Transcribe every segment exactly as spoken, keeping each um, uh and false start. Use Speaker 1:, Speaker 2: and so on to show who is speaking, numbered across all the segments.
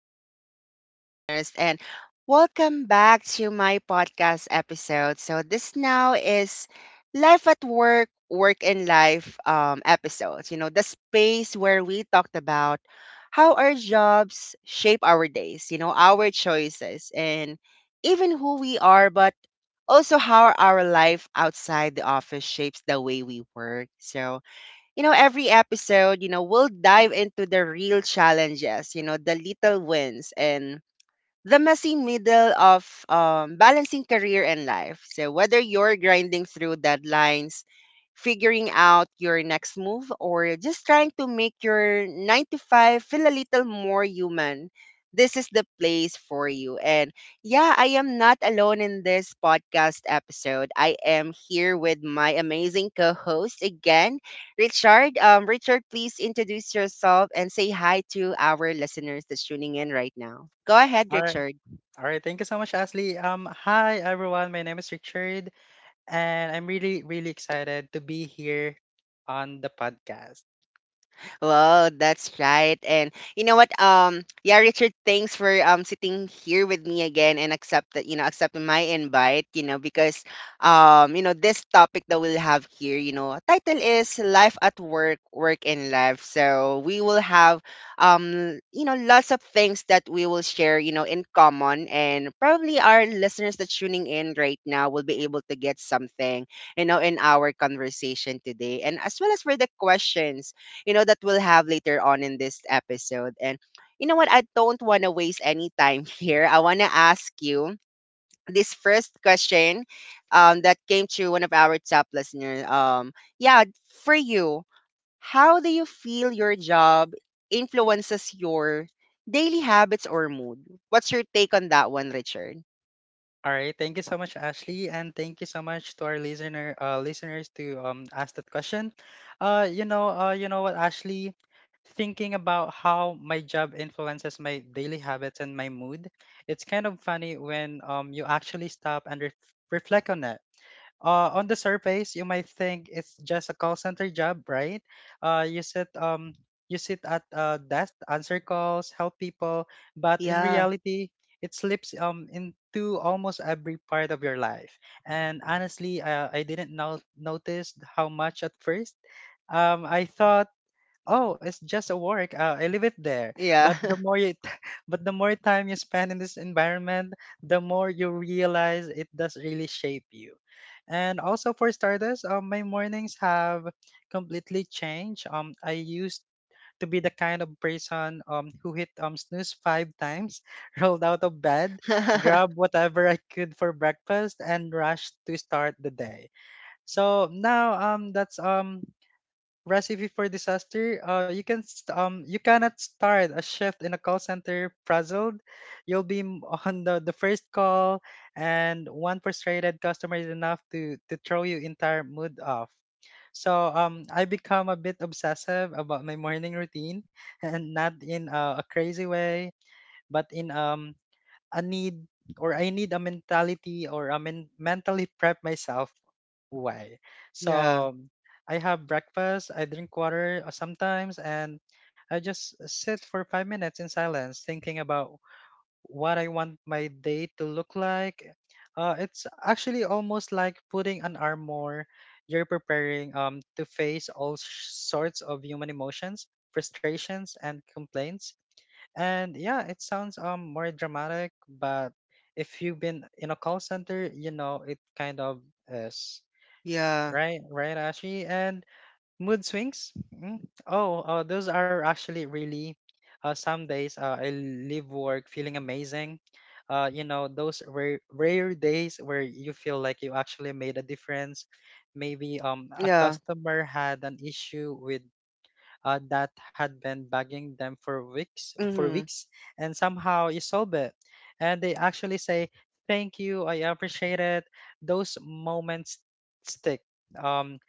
Speaker 1: to all of our listeners, and welcome back to my podcast episode. So, this now is Life at Work, Work in Life um, episodes, you know, the space where we talked about how our jobs shape our days, you know, our choices, and even who we are, but also how our life outside the office shapes the way we work. So, you know, every episode, you know, we'll dive into the real challenges, you know, the little wins and the messy middle of um, balancing career and life. So, whether you're grinding through deadlines, figuring out your next move, or just trying to make your nine to five feel a little more human, this is the place for you. And yeah, I am not alone in this podcast episode. I am here with my amazing co host again. Richard, um, Richard, please introduce yourself and say hi to our listeners that's tuning in right now. Go ahead,
Speaker 2: All right.
Speaker 1: Richard.
Speaker 2: All right. Thank you so much, Ashley. Um, hi everyone. My name is Richard, and I'm really, really excited to be here on the podcast.
Speaker 1: Well, that's right. And you know what? Um, yeah, Richard, thanks for um sitting here with me again and accept that, you know, accepting my invite, you know, because um, you know, this topic that we'll have here, you know, title is Life at Work, Work in Life. So we will have um, you know, lots of things that we will share, you know, in common, and probably our listeners that's tuning in right now will be able to get something, you know, in our conversation today. And as well as for the questions, you know, that we'll have later on in this episode. And you know what? I don't want to waste any time here. I want to ask you this first question, um, that came to one of our top listeners. Um, yeah, for you, how do you feel your job influences your daily habits or mood? What's your take on that one, Richard?
Speaker 2: All right. Thank you so much, Ashley, and thank you so much to our listener, uh, listeners to um ask that question. Uh, you know, uh, you know what, Ashley, thinking about how my job influences my daily habits and my mood, it's kind of funny when um you actually stop and re- reflect on it. Uh, on the surface, you might think it's just a call center job, right? Uh, you sit um you sit at a desk, answer calls, help people, but in
Speaker 1: Yeah,
Speaker 2: reality, it slips um into almost every part of your life. And honestly, uh, I didn't know notice how much at first. Um, I thought, "Oh, it's just a work. Uh, I leave it there."
Speaker 1: yeah,
Speaker 2: But the more you, But the more time you spend in this environment, the more you realize it does really shape you. And also for starters, um, my mornings have completely changed. Um, I used to be the kind of person um who hit um snooze five times, rolled out of bed, grabbed whatever I could for breakfast, and rushed to start the day. So now um that's um recipe for disaster. Uh, you can st- um you cannot start a shift in a call center frazzled. You'll be m- on the, the first call, and one frustrated customer is enough to to throw your entire mood off. So um, I become a bit obsessive about my morning routine, and not in a, a crazy way, but in um a need or I need a mentality, or I men- mentally prep myself why.
Speaker 1: yeah,
Speaker 2: So I have breakfast, I drink water uh, sometimes, and I just sit for five minutes in silence thinking about what I want my day to look like. Uh, it's actually almost like putting an armor. You're preparing um, to face all sh- sorts of human emotions, frustrations, and complaints, and yeah, it sounds um more dramatic, but if you've been in a call center, you know it kind of is,
Speaker 1: yeah,
Speaker 2: right? Right, Ashi? And mood swings. Mm. Oh, uh, those are actually really. Uh, some days uh, I leave work feeling amazing. Uh, you know those rare, rare days where you feel like you actually made a difference. Maybe um a
Speaker 1: yeah,
Speaker 2: customer had an issue with uh, that had been bugging them for weeks for
Speaker 1: mm-hmm.
Speaker 2: weeks, and somehow you solve it, and they actually say thank you, I appreciate it. Those moments stick. Um,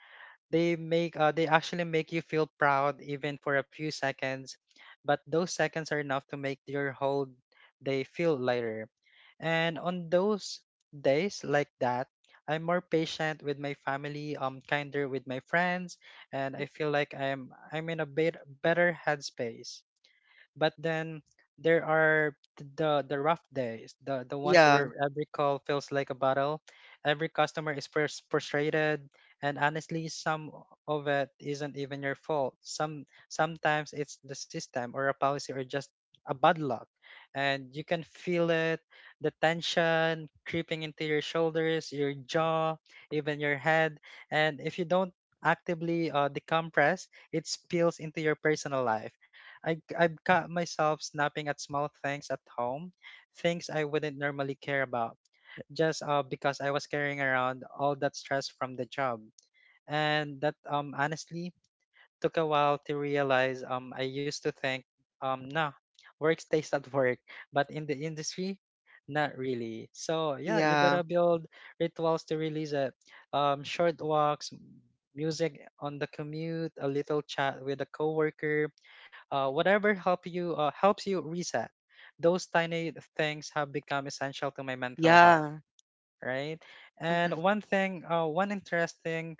Speaker 2: they make uh, they actually make you feel proud even for a few seconds, but those seconds are enough to make your whole day feel lighter. And on those days like that, I'm more patient with my family, um kinder with my friends, and I feel like i'm i'm in a bit better headspace. But then there are th- the the rough days, the the ones
Speaker 1: Yeah,
Speaker 2: where every call feels like a battle, every customer is frus- frustrated, and honestly, some of it isn't even your fault. Some sometimes it's the system or a policy or just a bad luck, and you can feel it, the tension creeping into your shoulders, your jaw, even your head, and if you don't actively uh, decompress, it spills into your personal life. I, I've caught myself snapping at small things at home, things I wouldn't normally care about, just uh, because I was carrying around all that stress from the job. And that um, honestly took a while to realize. Um, I used to think, um, nah, work stays at work, but in the industry, not really. So yeah, you
Speaker 1: yeah,
Speaker 2: gotta build rituals to release it. Um, short walks, music on the commute, a little chat with a coworker uh, whatever help you uh, helps you reset. Those tiny things have become essential to my mental health,
Speaker 1: yeah.
Speaker 2: right? And one thing uh, one interesting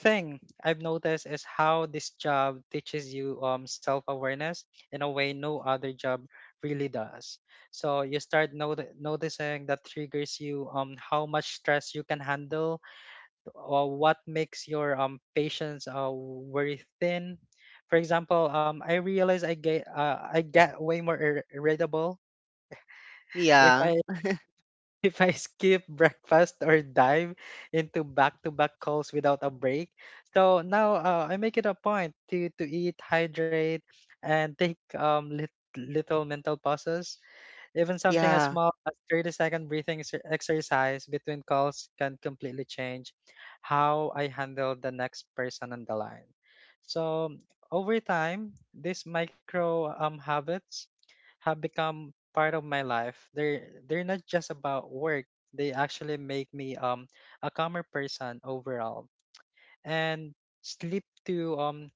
Speaker 2: thing I've noticed is how this job teaches you um, self-awareness in a way no other job really does. So you start not- noticing that triggers you um, how much stress you can handle uh, what makes your um patients uh very thin. For example, um I realize I get uh, I get way more ir- irritable if
Speaker 1: Yeah,
Speaker 2: I if I skip breakfast or dive into back-to-back calls without a break. So now uh, I make it a point to to eat, hydrate, and take um lit- little mental pauses. Even something as
Speaker 1: yeah,
Speaker 2: small as thirty-second breathing exer- exercise between calls can completely change how I handle the next person on the line. So over time, these micro um habits have become part of my life. They're they're not just about work. They actually make me um a calmer person overall. And sleep to um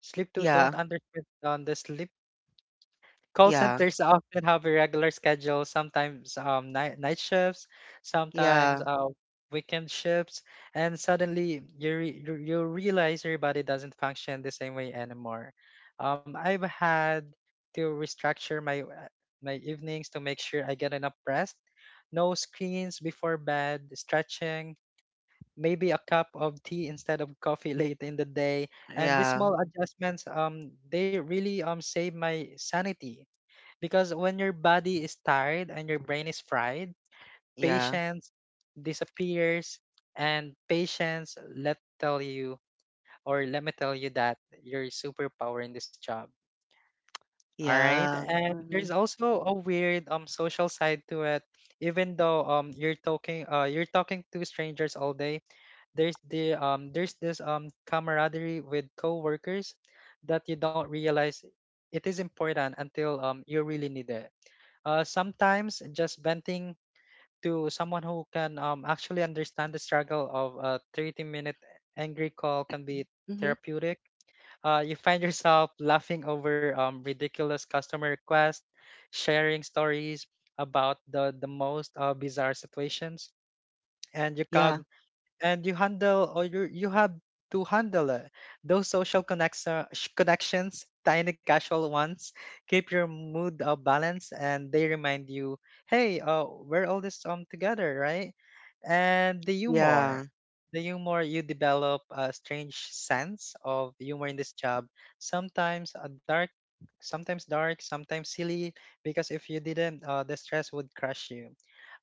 Speaker 2: sleep to don't
Speaker 1: yeah,
Speaker 2: understand on the sleep. Call
Speaker 1: yeah,
Speaker 2: centers often have irregular schedules, sometimes um, night, night shifts,
Speaker 1: yeah,
Speaker 2: sometimes uh, weekend shifts, and suddenly you, re- you you realize your body doesn't function the same way anymore. Um, I've had to restructure my uh, my evenings to make sure I get enough rest, no screens before bed, stretching, maybe a cup of tea instead of coffee late in the day, and these
Speaker 1: yeah,
Speaker 2: small adjustments um they really um save my sanity, because when your body is tired and your brain is fried,
Speaker 1: yeah,
Speaker 2: patience disappears. And patience, let tell you, or let me tell you, that your superpower in this job. All right.
Speaker 1: yeah.
Speaker 2: And there's
Speaker 1: Mhm.
Speaker 2: also a weird um social side to it. Even though um you're talking uh you're talking to strangers all day, there's the um there's this um camaraderie with coworkers that you don't realize it is important until um you really need it. Uh, sometimes just venting to someone who can um, actually understand the struggle of a thirty minute angry call can be
Speaker 1: Mhm.
Speaker 2: therapeutic. Uh, you find yourself laughing over um, ridiculous customer requests, sharing stories about the, the most uh, bizarre situations, and you, ca-
Speaker 1: Yeah.
Speaker 2: and you handle or you you have to handle it. Those social connection connections, tiny casual ones, keep your mood uh, balanced, and they remind you, hey, uh, we're all this um together, right? And the humor,
Speaker 1: Yeah.
Speaker 2: the humor you develop, a strange sense of humor in this job. Sometimes a dark, Sometimes dark, sometimes silly, because if you didn't, uh, the stress would crush you.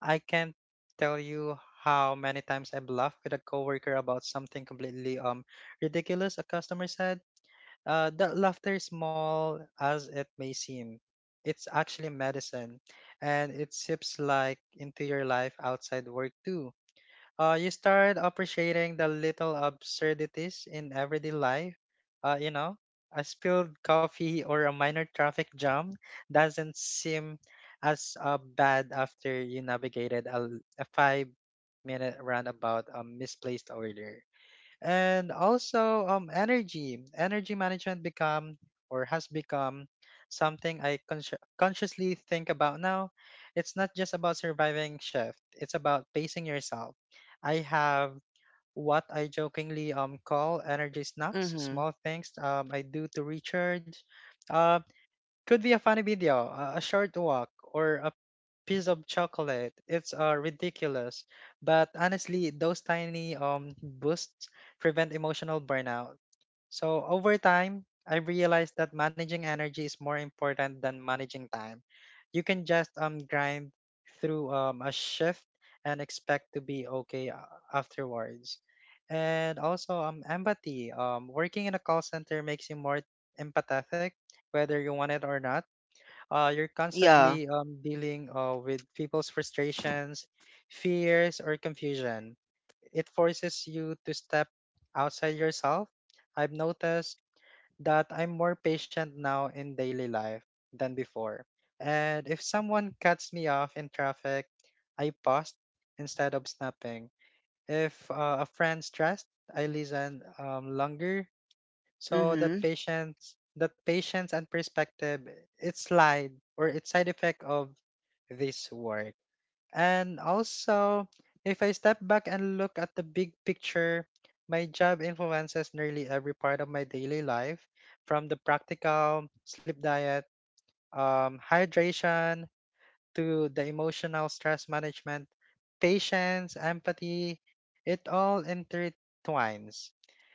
Speaker 2: I can tell you how many times I've laughed with a coworker about something completely um ridiculous a customer said. Uh, that laughter, small as it may seem, it's actually a medicine, and it sips like into your life outside work too. Uh, you start appreciating the little absurdities in everyday life. Uh, you know, a spilled coffee or a minor traffic jam doesn't seem as uh, bad after you navigated a, l- a five minute roundabout a misplaced order. And also um energy. Energy management become or has become something I consci consciously think about now. It's not just about surviving shift. It's about pacing yourself. I have what I jokingly um call energy snacks,
Speaker 1: Mhm.
Speaker 2: small things um I do to recharge. Uh, could be a funny video, a a short walk, or a piece of chocolate. It's uh, ridiculous, but honestly, those tiny um boosts prevent emotional burnout. So over time, I realized that managing energy is more important than managing time. You can just um grind through um a shift and expect to be okay a- afterwards. And also um empathy. Um working in a call center makes you more empathetic whether you want it or not. Uh, you're
Speaker 1: Yeah.
Speaker 2: constantly um, dealing uh, with people's frustrations, fears, or confusion. It forces you to step outside yourself. I've noticed that I'm more patient now in daily life than before. And if someone cuts me off in traffic, I pause instead of snapping. If uh, a friend's stressed, I listen um, longer. So that
Speaker 1: Mhm.
Speaker 2: patience, that patience and perspective, it's slide or it's side effect of this work. And also, if I step back and look at the big picture, my job influences nearly every part of my daily life, from the practical sleep diet, um, hydration, to the emotional stress management, patience, empathy. It all intertwines.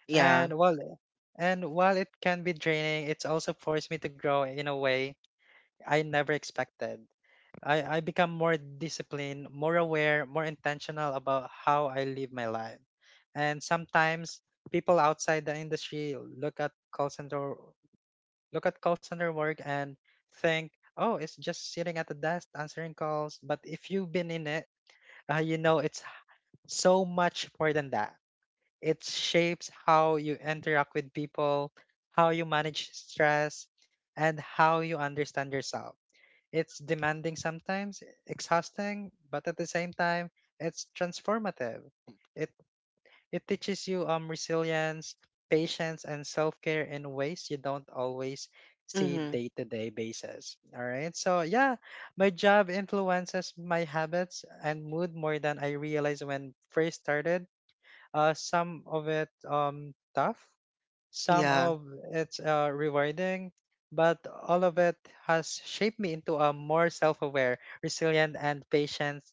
Speaker 1: Yeah.
Speaker 2: And while and while it can be draining, it's also forced me to grow in a way I never expected. I, I become more disciplined, more aware, more intentional about how I live my life. And sometimes people outside the industry look at call center look at call center work and think, oh, it's just sitting at the desk answering calls. But if you've been in it, uh, you know it's so much more than that. It shapes how you interact with people, how you manage stress, and how you understand yourself. It's demanding sometimes, exhausting, but at the same time, it's transformative. It it teaches you um resilience, patience, and self-care in ways you don't always see
Speaker 1: Mhm.
Speaker 2: day-to-day basis. All right? So, yeah, my job influences my habits and mood more than I realized when first started. Uh, some of it um tough, some
Speaker 1: Yeah.
Speaker 2: of it's uh, rewarding, but all of it has shaped me into a more self-aware, resilient, and patient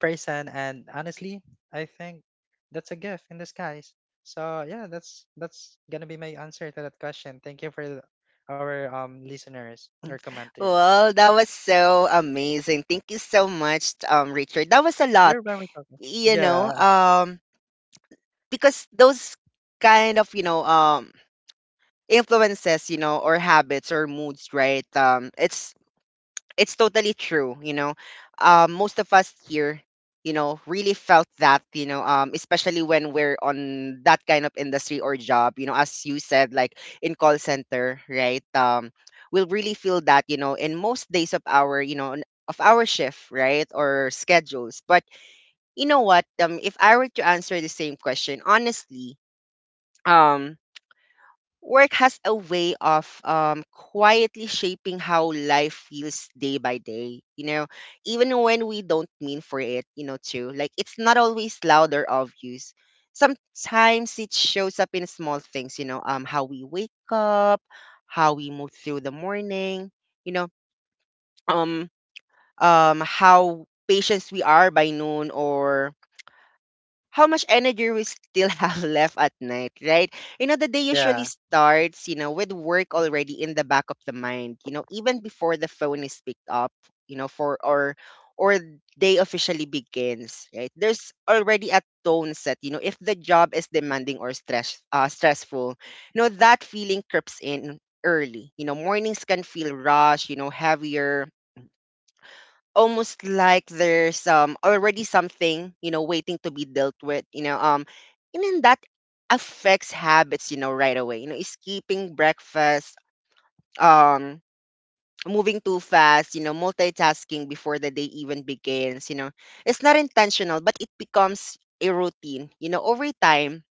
Speaker 2: person. And honestly, I think that's a gift in disguise. So yeah, that's that's gonna be my answer to that question. Thank you for the, our um listeners or commenter.
Speaker 1: Well, that was so amazing. Thank you so much, um, Richard. That was a lot,
Speaker 2: You're very welcome.
Speaker 1: you know,
Speaker 2: Yeah,
Speaker 1: um, because those kind of, you know, um, influences, you know, or habits or moods, right? Um, it's it's totally true. You know um most of us here, you know really felt that, you know um especially when we're on that kind of industry or job, you know as you said, like in call center, right? Um we'll really feel that, you know in most days of our, you know n- of our shift, right, or schedules. But you know what um if I were to answer the same question honestly, um work has a way of, um, quietly shaping how life feels day by day, you know even when we don't mean for it, you know too. Like, it's not always loud or obvious. Sometimes it shows up in small things, you know um how we wake up, how we move through the morning, you know um um how patient we are by noon, or how much energy we still have left at night, right? You know, the day usually
Speaker 2: yeah,
Speaker 1: starts, you know, with work already in the back of the mind, you know, even before the phone is picked up, you know, for or or day officially begins, right? There's already a tone set, you know, if the job is demanding or stress uh, stressful, you know, that feeling creeps in early. You know, mornings can feel rushed, you know, heavier, almost like there's um already something, you know waiting to be dealt with, you know um and then that affects habits, you know right away. You know skipping breakfast, um moving too fast, you know multitasking before the day even begins, you know it's not intentional, but it becomes a routine, you know over time.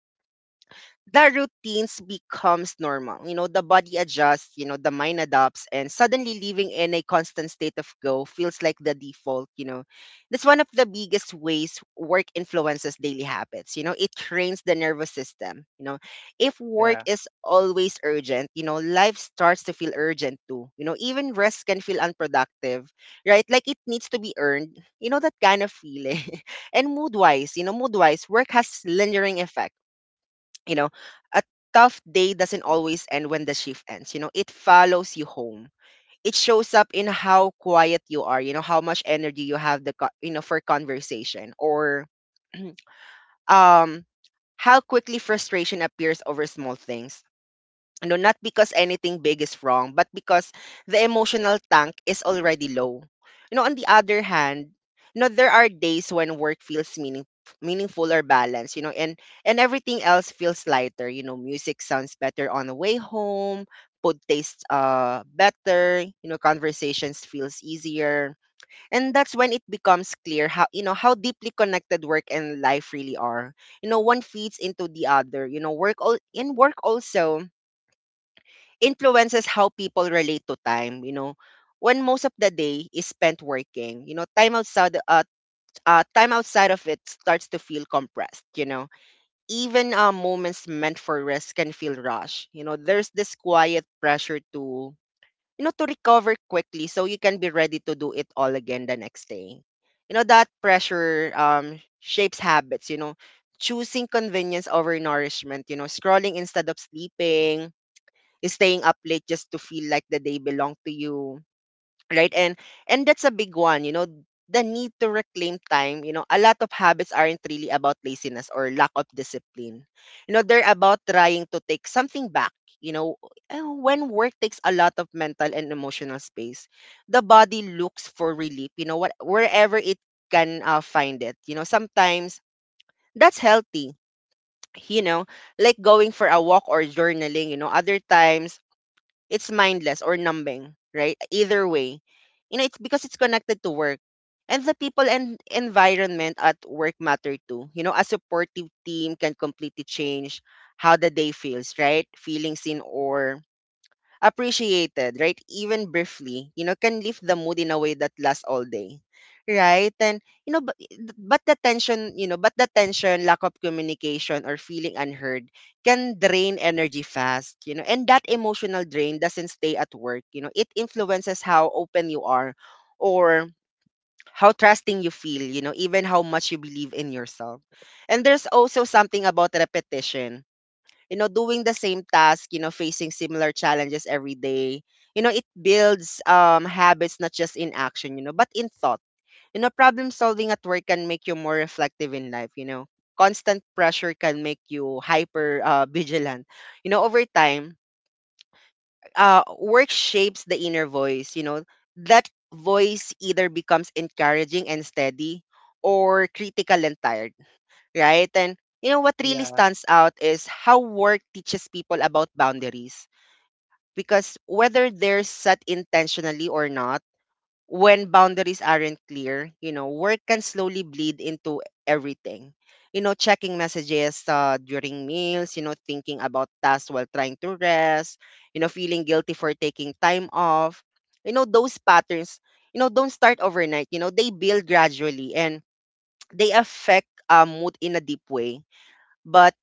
Speaker 1: The routines becomes normal. You know, the body adjusts, you know, the mind adapts, and suddenly living in a constant state of go feels like the default, you know. That's one of the biggest ways work influences daily habits. You know, it trains the nervous system. You know, if work
Speaker 2: yeah,
Speaker 1: is always urgent, you know, life starts to feel urgent too. You know, even rest can feel unproductive, right? Like it needs to be earned. You know, that kind of feeling. And mood wise, you know, mood wise, work has lingering effects you know a tough day doesn't always end when the shift ends. You know it follows you home. It shows up in how quiet you are, you know how much energy you have, the co- you know for conversation, or um how quickly frustration appears over small things. No, not because anything big is wrong, but because the emotional tank is already low. You know, on the other hand, you know, there are days when work feels meaning, meaningful or balanced, you know, and and everything else feels lighter. You know, music sounds better on the way home, food tastes uh better, you know, conversations feels easier. And that's when it becomes clear how you know how deeply connected work and life really are. You know, one feeds into the other. You know, work all in work also influences how people relate to time, you know. When most of the day is spent working, you know, time outside uh, uh time outside of it starts to feel compressed, you know. Even, uh, moments meant for rest can feel rushed. You know, there's this quiet pressure to you know to recover quickly, so you can be ready to do it all again the next day. You know, that pressure um shapes habits, you know, choosing convenience over nourishment, you know, scrolling instead of sleeping, staying up late just to feel like the day belong to you, right? And and that's a big one. You know the need to reclaim time, you know a lot of habits aren't really about laziness or lack of discipline. You know they're about trying to take something back you know Uh, when work takes a lot of mental and emotional space, the body looks for relief, you know what wherever it can uh, find it, you know sometimes that's healthy, you know like going for a walk or journaling. you know other times, it's mindless or numbing, right? Either way, you know, it's because it's connected to work. And the people and environment at work matter too. You know, a supportive team can completely change how the day feels, right? Feeling seen or appreciated, right? Even briefly, you know, can lift the mood in a way that lasts all day. Right? And you know, but, but the tension, you know, but the tension, lack of communication or feeling unheard, can drain energy fast, you know. And that emotional drain doesn't stay at work, you know. It influences how open you are, or how trusting you feel, you know, even how much you believe in yourself. And there's also something about repetition, you know doing the same task, you know facing similar challenges every day, you know it builds um habits, not just in action, you know but in thought. You know problem solving at work can make you more reflective in life, you know constant pressure can make you hyper, uh, vigilant, you know over time. Uh work shapes the inner voice, you know that voice either becomes encouraging and steady, or critical and tired, right? And you know what really
Speaker 2: yeah,
Speaker 1: stands out is how work teaches people about boundaries, because whether they're set intentionally or not, when boundaries aren't clear, you know, work can slowly bleed into everything. You know, checking messages, uh, during meals, you know, thinking about tasks while trying to rest, you know, feeling guilty for taking time off. You know, those patterns, you know, don't start overnight. You know, they build gradually, and they affect, uh, mood in a deep way. But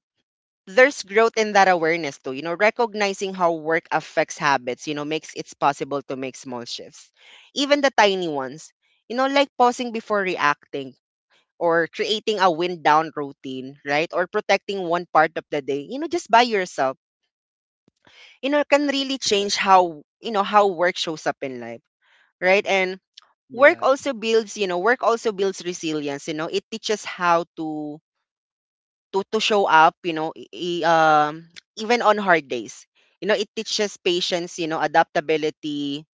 Speaker 1: there's growth in that awareness too, you know, recognizing how work affects habits, you know, makes it possible to make small shifts, even the tiny ones, you know, like pausing before reacting, or creating a wind down routine, right? Or protecting one part of the day, you know, just by yourself, you know, can really change how, you know, how work shows up in life, right? And work
Speaker 2: yeah.
Speaker 1: also builds, you know, work also builds resilience, you know, it teaches how to to to show up, you know i- i- um even on hard days. you know it teaches patience, you know adaptability,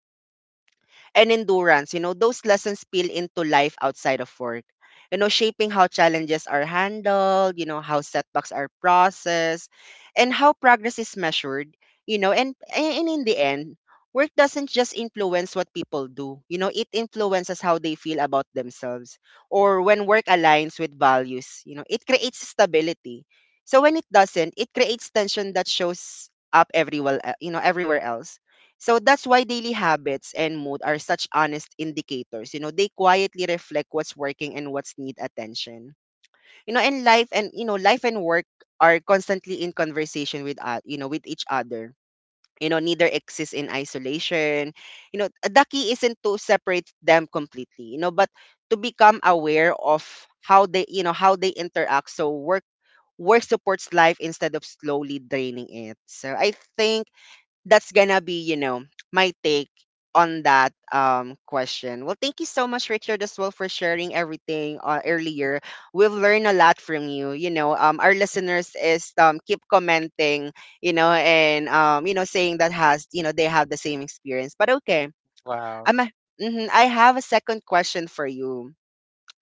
Speaker 1: and endurance. You know, those lessons spill into life outside of work. You know, shaping how challenges are handled, you know, how setbacks are processed, and how progress is measured, you know, and, and in the end, work doesn't just influence what people do. You know, it influences how they feel about themselves, or when work aligns with values, you know, it creates stability. So when it doesn't, it creates tension that shows up everywhere, uh, you know, everywhere else. So that's why daily habits and mood are such honest indicators. You know, they quietly reflect what's working and what's need attention. You know, and life and, you know, life and work are constantly in conversation with uh, you know, with each other. You know, neither exists in isolation. You know, the key isn't to separate them completely, you know, but to become aware of how they, you know, how they interact. So work work supports life instead of slowly draining it. So I think that's gonna be, you know, my take on that um question. Well, thank you so much, Richard, as well for sharing everything uh, earlier. We've learned a lot from you. You know, um, our listeners is um keep commenting, you know, and um, you know, saying that has you know they have the same experience. But okay,
Speaker 2: Wow.
Speaker 1: I'm a, mhm, I have a second question for you.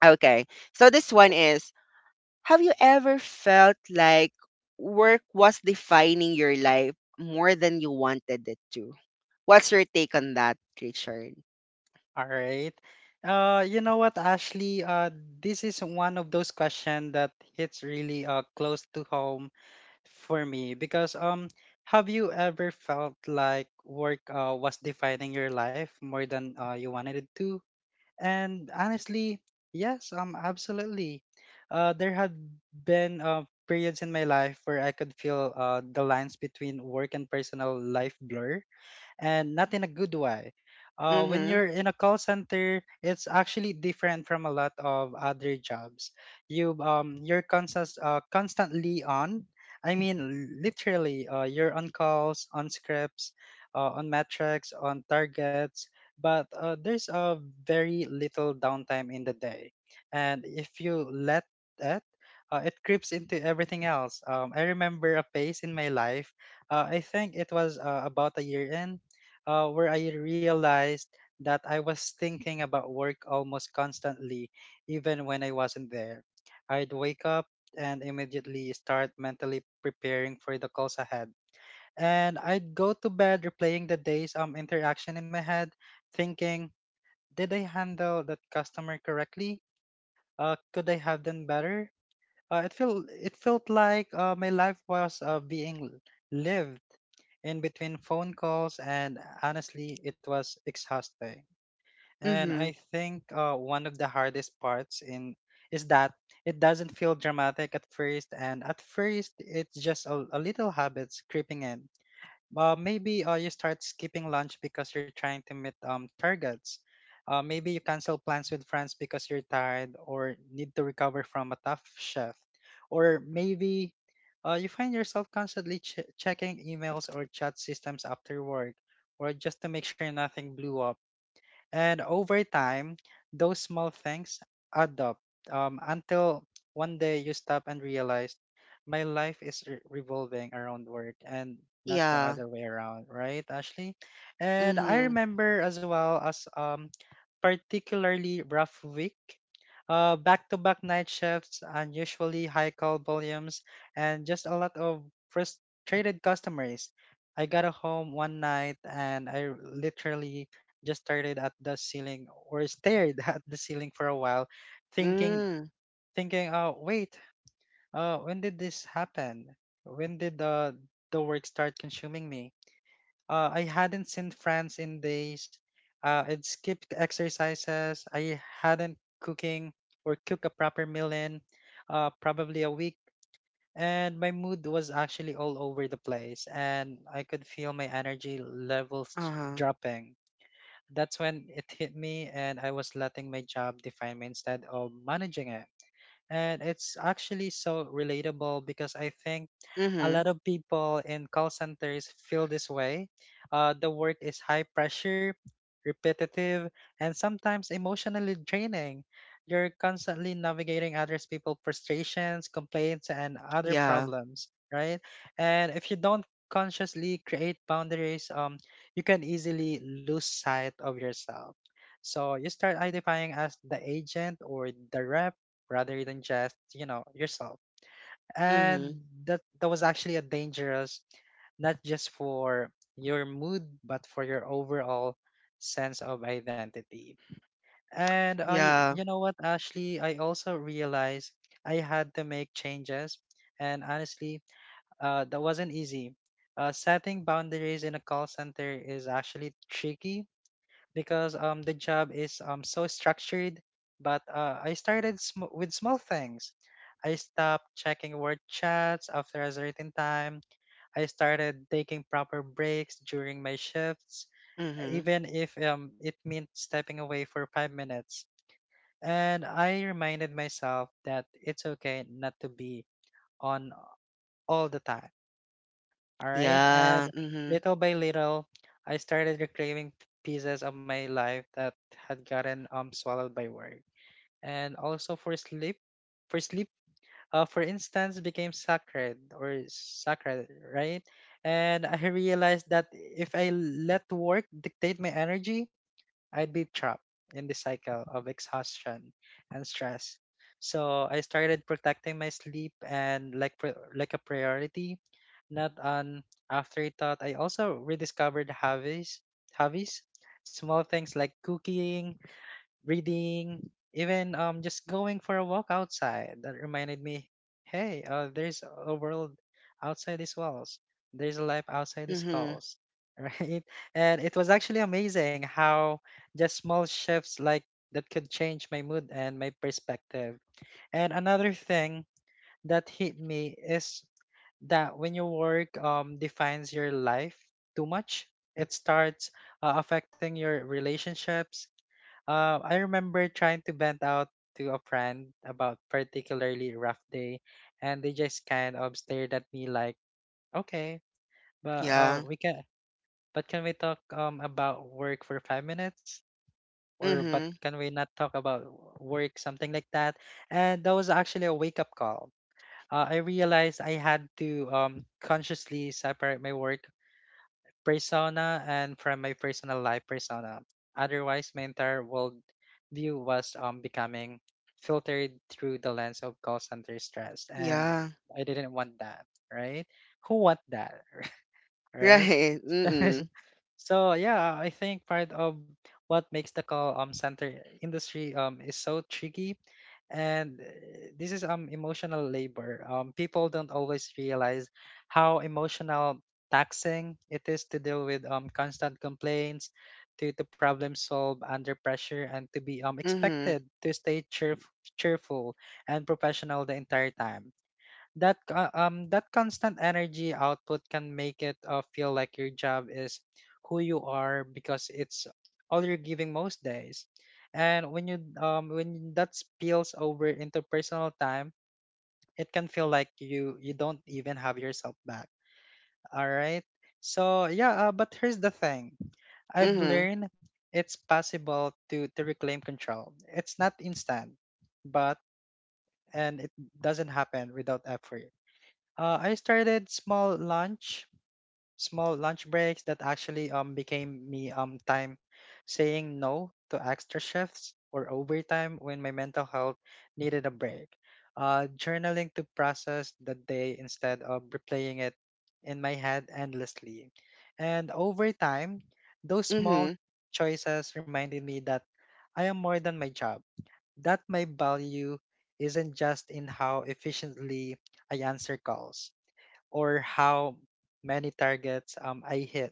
Speaker 1: Okay, so this one is: Have you ever felt like work was defining your life more than you wanted it to? What's your take on that, Richard?
Speaker 2: All right. Uh, you know what, Ashley? Uh, this is one of those questions that hits really uh close to home for me because um, have you ever felt like work uh was defining your life more than uh you wanted it to? And honestly, yes, um, absolutely. Uh, there had been uh periods in my life where I could feel uh the lines between work and personal life blur, and not in a good way. Uh, when
Speaker 1: Mm-hmm.
Speaker 2: you're in a call center, it's actually different from a lot of other jobs. You um you're constant uh, constantly on. I mean, literally, uh, you're on calls, on scripts, uh, on metrics, on targets. But uh, there's a very little downtime in the day, and if you let it, uh, it creeps into everything else. Um, I remember a phase in my life. Uh, I think it was uh, about a year in, uh, where I realized that I was thinking about work almost constantly, even when I wasn't there. I'd wake up and immediately start mentally preparing for the calls ahead. And I'd go to bed replaying the day's um, interaction in my head, thinking, did I handle that customer correctly? Uh, could I have done better? Uh, it felt it felt like uh, my life was uh, being lived in between phone calls, and honestly, it was exhausting. And
Speaker 1: Mm-hmm.
Speaker 2: I think uh, one of the hardest parts in is that it doesn't feel dramatic at first, and at first, it's just a, a little habits creeping in. Uh, maybe uh, you start skipping lunch because you're trying to meet um, targets. Uh, maybe you cancel plans with friends because you're tired or need to recover from a tough shift. Or maybe uh, you find yourself constantly ch- checking emails or chat systems after work, or just to make sure nothing blew up. And over time, those small things add up um, until one day you stop and realize my life is re- revolving around work and not the
Speaker 1: Yeah.
Speaker 2: other way around, right, Ashley? And I
Speaker 1: Mm-hmm.
Speaker 2: remember as well as um, particularly rough week. Uh, back-to-back night shifts, unusually high call volumes, and just a lot of frustrated customers. I got home one night and I r- literally just stared at the ceiling or stared at the ceiling for a while, thinking,
Speaker 1: Mm.
Speaker 2: thinking, oh wait, uh, when did this happen? When did the the work start consuming me? Uh, I hadn't seen friends in days. Uh, I'd skipped exercises. I hadn't cooking or cook a proper meal in, uh, probably a week. And my mood was actually all over the place, and I could feel my energy levels
Speaker 1: Uh-huh.
Speaker 2: dropping. That's when it hit me, and I was letting my job define me instead of managing it. And it's actually so relatable because I think a
Speaker 1: Mm-hmm.
Speaker 2: lot of people in call centers feel this way. Uh, the work is high pressure, repetitive, and sometimes emotionally draining. You're constantly navigating other people's frustrations, complaints, and other
Speaker 1: Yeah.
Speaker 2: problems, right? And if you don't consciously create boundaries, um, you can easily lose sight of yourself. So you start identifying as the agent or the rep rather than just, you know, yourself.
Speaker 1: Mm-hmm.
Speaker 2: And that that was actually a dangerous, not just for your mood but for your overall sense of identity. And I,
Speaker 1: Yeah.
Speaker 2: you know what, Ashley, I also realized I had to make changes, and honestly, uh, that wasn't easy. Uh, setting boundaries in a call center is actually tricky because um the job is um so structured, but uh, I started sm- with small things. I stopped checking word chats after a certain time. I started taking proper breaks during my shifts,
Speaker 1: Mm-hmm.
Speaker 2: even if um it meant stepping away for five minutes, and I reminded myself that it's okay not to be on all the time. All right.
Speaker 1: Yeah.
Speaker 2: And
Speaker 1: Mm-hmm.
Speaker 2: little by little, I started reclaiming p- pieces of my life that had gotten um swallowed by work. And also for sleep, for sleep, uh, for instance, became sacred or sacred, right? And I realized that if I let work dictate my energy, I'd be trapped in the cycle of exhaustion and stress. So I started protecting my sleep and like pri- like a priority, not an afterthought. I also rediscovered hobbies, hobbies, small things like cooking, reading, even um just going for a walk outside that reminded me, hey, uh, there's a world outside these walls. There's a life outside these
Speaker 1: Mm-hmm.
Speaker 2: calls, right? And it was actually amazing how just small shifts like that could change my mood and my perspective. And another thing that hit me is that when your work um, defines your life too much, it starts uh, affecting your relationships. uh, I remember trying to vent out to a friend about particularly rough day, and they just kind of stared at me like, "Okay, but uh,
Speaker 1: Yeah.
Speaker 2: we can, but can we talk um about work for five minutes?" Or but
Speaker 1: Mm-hmm.
Speaker 2: can we not talk about work, something like that? And that was actually a wake up call. Uh, I realized I had to um consciously separate my work persona and from my personal life persona. Otherwise, my entire world view was um, becoming filtered through the lens of call center stress, and
Speaker 1: Yeah.
Speaker 2: I didn't want that, right? Who want that, right?
Speaker 1: Right. Mm-mm.
Speaker 2: So yeah, I think part of what makes the call um center industry um is so tricky, and uh, this is um emotional labor. Um, people don't always realize how emotional taxing it is to deal with um constant complaints, to to problem solve under pressure, and to be um
Speaker 1: Mm-hmm.
Speaker 2: expected to stay cheerf- cheerful and professional the entire time. That co- um that constant energy output can make it uh, feel like your job is who you are because it's all you're giving most days. And when you um when that spills over into personal time, it can feel like you you don't even have yourself back. All right. So yeah, uh, but here's the thing I've
Speaker 1: Mm-hmm.
Speaker 2: learned. It's possible to to reclaim control. It's not instant, but and it doesn't happen without effort. uh, I started small lunch, small lunch breaks that actually um became me um time, saying no to extra shifts or overtime when my mental health needed a break. Uh, journaling to process the day instead of replaying it in my head endlessly. And over time, those small
Speaker 1: Mm-hmm.
Speaker 2: choices reminded me that I am more than my job, that my value isn't just in how efficiently I answer calls, or how many targets um, I hit,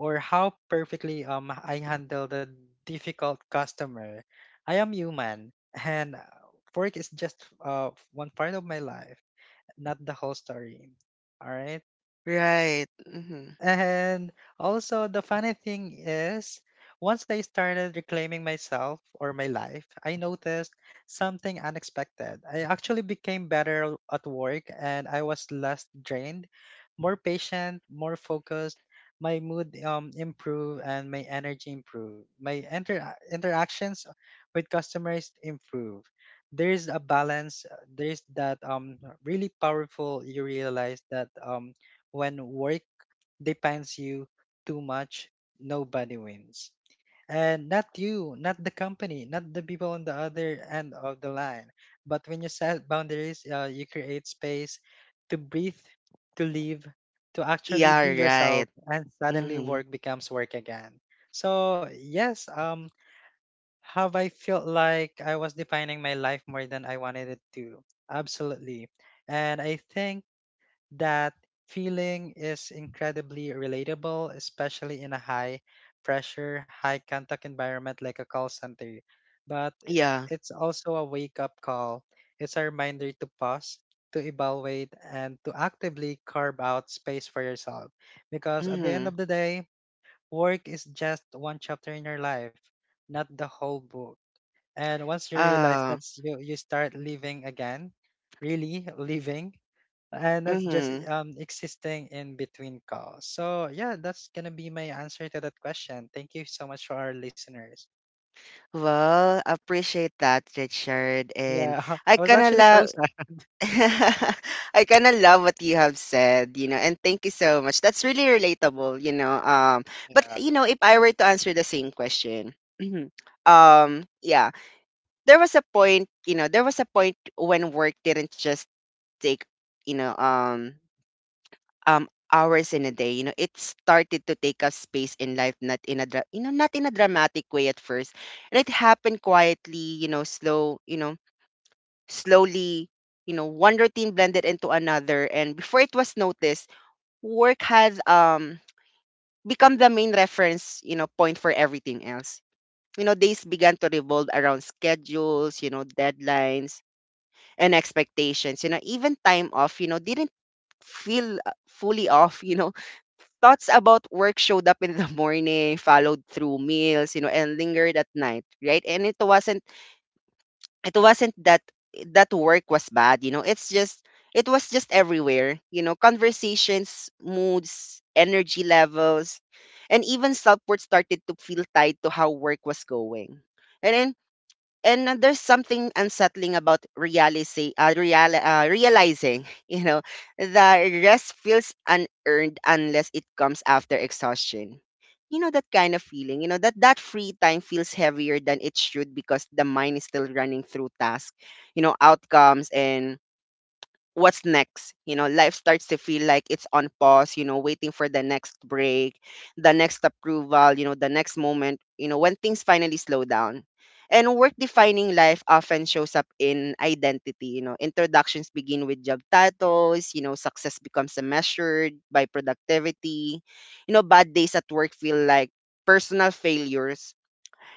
Speaker 2: or how perfectly um, I handle the difficult customer. I am human, and uh, work is just uh, one part of my life, not the whole story. All right.
Speaker 1: Right. Mm-hmm.
Speaker 2: And also, the funny thing is, once I started reclaiming myself or my life, I noticed something unexpected. I actually became better at work, and I was less drained, more patient, more focused. My mood um, improved and my energy improved. My inter- interactions with customers improved. There's a balance. There's that um, really powerful. You realize that um, when work depends you too much, nobody wins. And not you, not the company, not the people on the other end of the line. But when you set boundaries, uh, you create space to breathe, to live, to actually
Speaker 1: Yeah,
Speaker 2: be
Speaker 1: right.
Speaker 2: yourself, and suddenly
Speaker 1: Mm-hmm.
Speaker 2: work becomes work again. So yes, um, have I felt like I was defining my life more than I wanted it to? Absolutely. And I think that feeling is incredibly relatable, especially in a high pressure, high contact environment like a call center. But eh,
Speaker 1: Yeah.
Speaker 2: it's also a wake up call. It's a reminder to pause, to evaluate, and to actively carve out space for yourself. Because at the end
Speaker 1: Mm-hmm.
Speaker 2: of the day, work is just one chapter in your life, not the whole book. And once you realize
Speaker 1: Uh.
Speaker 2: that's you, you start living again, really living, and that's just
Speaker 1: Mm-hmm.
Speaker 2: um existing in between calls. So yeah, that's gonna be my answer to that question. Thank you so much for our listeners.
Speaker 1: Well, appreciate that, Richard. And
Speaker 2: Yeah,
Speaker 1: I
Speaker 2: I was
Speaker 1: kind of
Speaker 2: actually so sad.
Speaker 1: I kind of love what you have said, you know, and thank you so much. That's really relatable, you know. Um, but
Speaker 2: Yeah,
Speaker 1: you know, if I were to answer the same question, um, yeah, there was a point, you know, there was a point when work didn't just take, you know, um, um, hours in a day. You know, it started to take up space in life, not in a, dra- you know, not in a dramatic way at first, and it happened quietly, you know, slow, you know Slowly, you know, one routine blended into another, and before it was noticed, work had um, become the main reference, you know, point for everything else. You know, days began to revolve around schedules, you know, deadlines and expectations. You know, even time off, you know, didn't feel uh, fully off. You know, thoughts about work showed up in the morning, followed through meals, you know, and lingered at night, right? And it wasn't it wasn't that that work was bad, you know, it's just it was just everywhere. You know, conversations, moods, energy levels and even self-worth started to feel tied to how work was going. And then, and uh, there's something unsettling about realizing, uh, real, uh, realizing, you know, the rest feels unearned unless it comes after exhaustion. You know that kind of feeling. You know that that free time feels heavier than it should because the mind is still running through tasks, you know, outcomes and what's next. You know, life starts to feel like it's on pause, you know, waiting for the next break, the next approval, you know, the next moment, you know, when things finally slow down. And work defining life often shows up in identity. You know, introductions begin with job titles, you know, success becomes measured by productivity, you know, bad days at work feel like personal failures,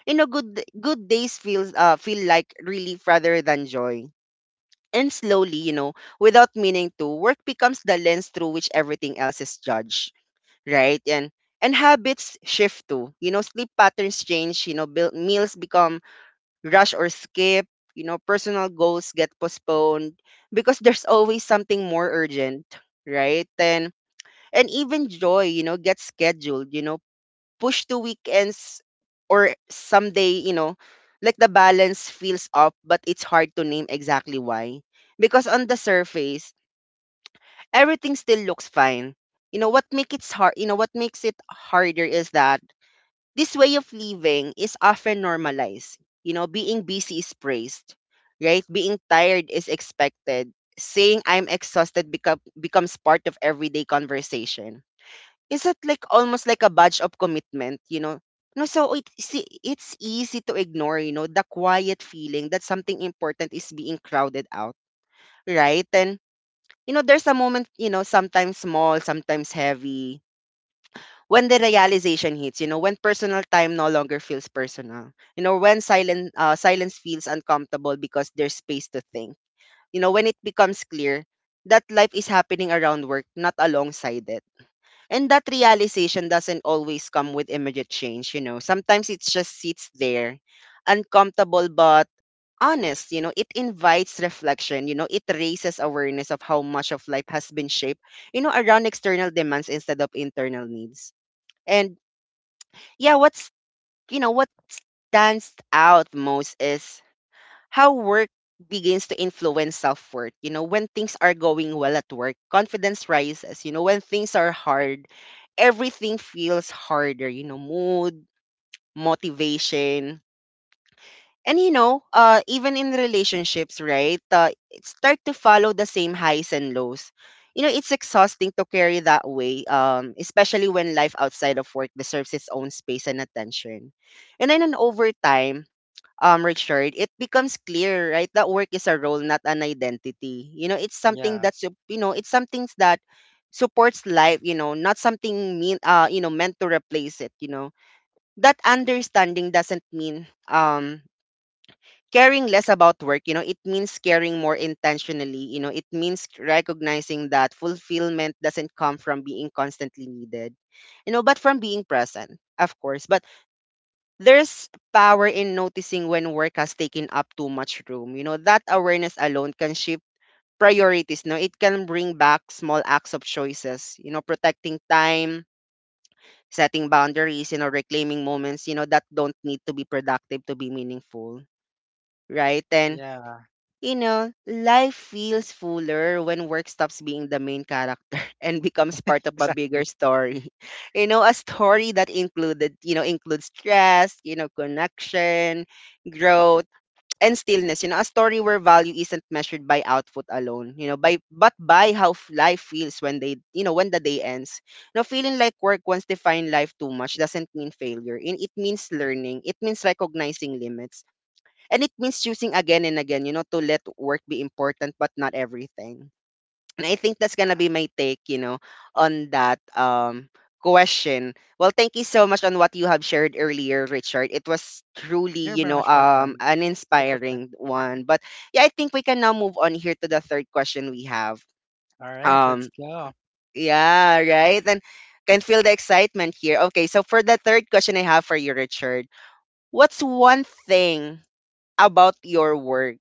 Speaker 1: you know, good good days feels uh feel like relief rather than joy. And slowly, you know, without meaning to, work becomes the lens through which everything else is judged, right? And and habits shift too. You know, sleep patterns change, you know, build, meals become rush or skip, you know, personal goals get postponed because there's always something more urgent, right? And and even joy, you know, gets scheduled, you know, push to weekends or someday, you know, like the balance feels off, but it's hard to name exactly why. Because on the surface, everything still looks fine. You know what make it hard you know what makes it harder is that this way of living is often normalized. You know, being busy is praised, right? Being tired is expected. Saying I'm exhausted become, becomes part of everyday conversation, is it like almost like a badge of commitment, you know? No, so it, see, it's easy to ignore, you know, the quiet feeling that something important is being crowded out, right? And, you know, there's a moment, you know, sometimes small, sometimes heavy, when the realization hits, you know, when personal time no longer feels personal, you know, when silent, uh, silence feels uncomfortable because there's space to think, you know, when it becomes clear that life is happening around work, not alongside it. And that realization doesn't always come with immediate change, you know. Sometimes it just sits there, uncomfortable but honest, you know. It invites reflection, you know. It raises awareness of how much of life has been shaped, you know, around external demands instead of internal needs. And yeah, what's, you know, what stands out most is how work begins to influence self-worth. You know, when things are going well at work, confidence rises. You know, when things are hard, everything feels harder, you know, mood, motivation. And you know, uh, even in relationships, right? Uh, it start to follow the same highs and lows. You know, it's exhausting to carry that way, um, especially when life outside of work deserves its own space and attention. And then, and over time, um, Richard, it becomes clear, right, that work is a role, not an identity. You know, it's something
Speaker 2: yeah,
Speaker 1: that's, sup- you know, it's something that supports life, you know, not something mean, uh, you know, meant to replace it, you know. That understanding doesn't mean, um, caring less about work, you know, it means caring more intentionally, you know, it means recognizing that fulfillment doesn't come from being constantly needed, you know, but from being present, of course. But there's power in noticing when work has taken up too much room. You know, that awareness alone can shift priorities. No, it can bring back small acts of choices, you know, protecting time, setting boundaries, you know, reclaiming moments, you know, that don't need to be productive to be meaningful. Right. And
Speaker 2: yeah,
Speaker 1: you know, life feels fuller when work stops being the main character and becomes part of a bigger
Speaker 2: exactly.
Speaker 1: story. You know, a story that included, you know, includes stress, you know, connection, growth, and stillness. You know, a story where value isn't measured by output alone, you know, by but by how f- life feels when they, you know, when the day ends. You know, feeling like work once defined life too much doesn't mean failure. It, it means learning. It means recognizing limits, and it means choosing again and again, you know, to let work be important but not everything. And I think that's
Speaker 2: Yeah.
Speaker 1: gonna be my take, you know, on that um question. Well, thank you so much on what you have shared earlier, Richard. It was
Speaker 2: You're
Speaker 1: truly, you
Speaker 2: very
Speaker 1: know,
Speaker 2: much
Speaker 1: um
Speaker 2: welcome.
Speaker 1: an
Speaker 2: Such a
Speaker 1: inspiring
Speaker 2: pleasure.
Speaker 1: one. But yeah, I think we can now move on here to the third question we have.
Speaker 2: All right, let's
Speaker 1: Um
Speaker 2: go.
Speaker 1: yeah, right. And can feel the excitement here. Okay, so for the third question I have for you, Richard, what's one thing about your work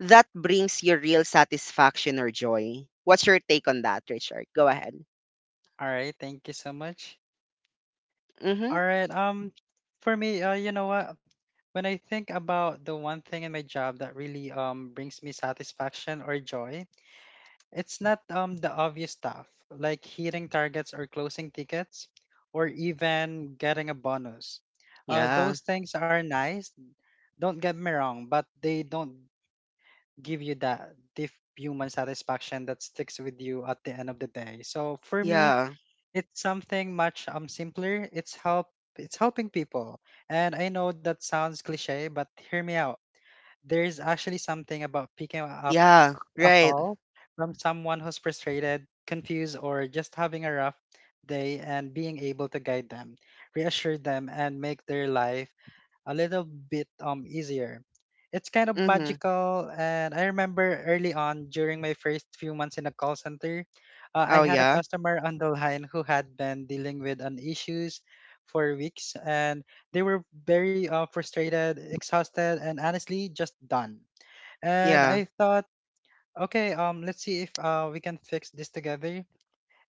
Speaker 1: that brings you real satisfaction or joy? What's your take on that, Richard? Go ahead.
Speaker 2: All right, thank you so much.
Speaker 1: Mm-hmm.
Speaker 2: All right, um, for me, uh, you know what? When I think about the one thing in my job that really um brings me satisfaction or joy, it's not um the obvious stuff like hitting targets or closing tickets or even getting a bonus. Uh,
Speaker 1: Yeah.
Speaker 2: those things are nice, don't get me wrong, but they don't give you that deep human satisfaction that sticks with you at the end of the day. So for me,
Speaker 1: Yeah.
Speaker 2: it's something much um simpler. It's help it's helping people. And I know that sounds cliche, but hear me out. There's actually something about picking up
Speaker 1: Yeah.
Speaker 2: a
Speaker 1: Right.
Speaker 2: call from someone who's frustrated, confused, or just having a rough day and being able to guide them, reassure them, and make their life a little bit um easier. It's kind of
Speaker 1: Mm-hmm.
Speaker 2: magical, and I remember early on during my first few months in a call center, uh, I
Speaker 1: Oh
Speaker 2: had a
Speaker 1: yeah.
Speaker 2: customer on the line who had been dealing with an issues for weeks, and they were very uh, frustrated, exhausted, and honestly just done. And
Speaker 1: Yeah.
Speaker 2: I thought, okay, um, let's see if uh, we can fix this together.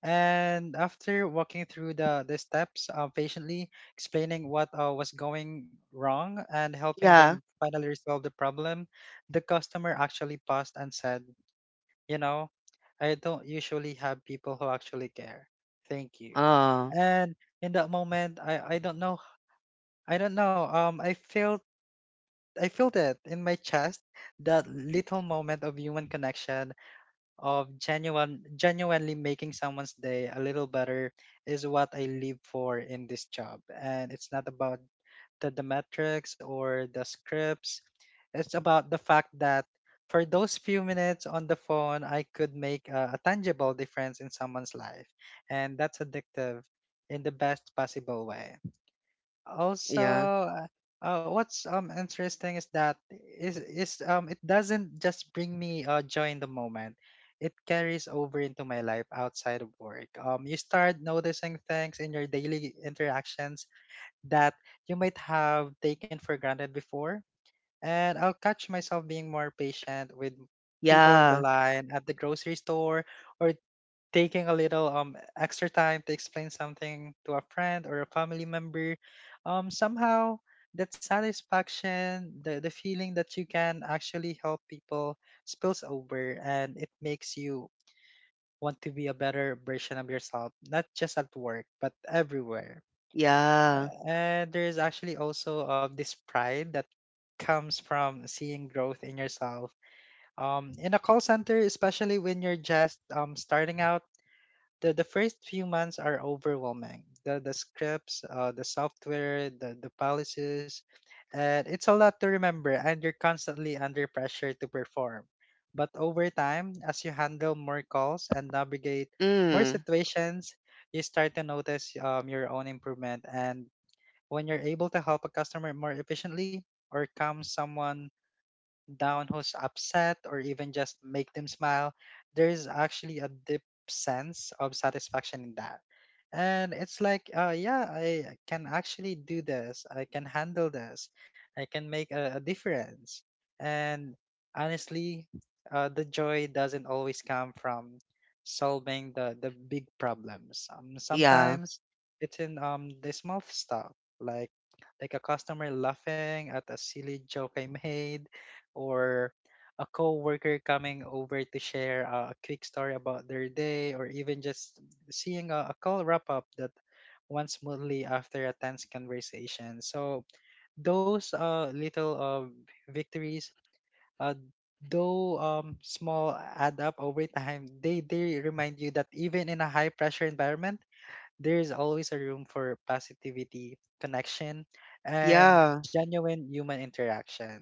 Speaker 2: And after walking through the, the steps uh, patiently, explaining what uh, was going wrong and helping them
Speaker 1: Yeah.
Speaker 2: finally resolve the problem, the customer actually paused and said, "You know, I don't usually have people who actually care. Thank you."
Speaker 1: Oh.
Speaker 2: And in that moment, I, I don't know, I don't know. Um, I felt I felt it in my chest, that little moment of human connection of genuine genuinely making someone's day a little better is what I live for in this job. And it's not about the, the metrics or the scripts. It's about the fact that for those few minutes on the phone, I could make a, a tangible difference in someone's life. And that's addictive in the best possible way also.
Speaker 1: Yeah.
Speaker 2: uh, uh, what's um interesting is that is is um it doesn't just bring me uh joy in the moment. It carries over into my life outside of work. Um you start noticing things in your daily interactions that you might have taken for granted before, and I'll catch myself being more patient with people in the
Speaker 1: Yeah.
Speaker 2: line at the grocery store or taking a little um extra time to explain something to a friend or a family member. Um somehow that satisfaction, the, the feeling that you can actually help people, spills over and it makes you want to be a better version of yourself, not just at work but everywhere.
Speaker 1: Yeah.
Speaker 2: And there is actually also uh, this pride that comes from seeing growth in yourself, um, in a call center, especially when you're just um, starting out. The the first few months are overwhelming. The the scripts, uh, the software, the the policies, and it's a lot to remember. And you're constantly under pressure to perform. But over time, as you handle more calls and navigate more
Speaker 1: Mm.
Speaker 2: situations, you start to notice um, your own improvement. And when you're able to help a customer more efficiently or calm someone down, who's upset, or even just make them smile, there is actually a deep sense of satisfaction in that. And it's like, uh, yeah, I can actually do this. I can handle this. I can make a, a difference. And honestly, uh, the joy doesn't always come from solving the, the big problems. Um,
Speaker 1: Yeah.
Speaker 2: sometimes it's in um, the small stuff, like like a customer laughing at a silly joke I made, or a coworker coming over to share a quick story about their day, or even just seeing a, a call wrap up that went smoothly after a tense conversation. So those uh, little uh, victories, uh, though um, small, add up over time. They they remind you that even in a high pressure environment there is always a room for positivity, connection, and
Speaker 1: Yeah.
Speaker 2: genuine human interaction.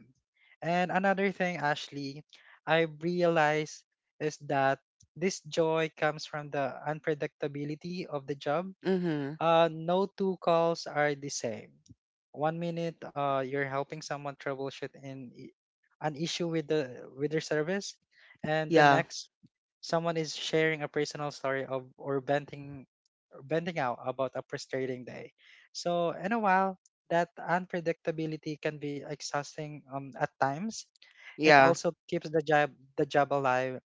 Speaker 2: And another thing, Ashley, I realized is that this joy comes from the unpredictability of the job.
Speaker 1: Mm-hmm.
Speaker 2: Uh, no two calls are the same. One minute, uh, you're helping someone troubleshoot in i- an issue with the with their service, and the
Speaker 1: Yeah.
Speaker 2: next someone is sharing a personal story of or venting or venting out about a frustrating day. So in a while, that unpredictability can be exhausting um, at times. It
Speaker 1: Yeah.
Speaker 2: also keeps the job the job alive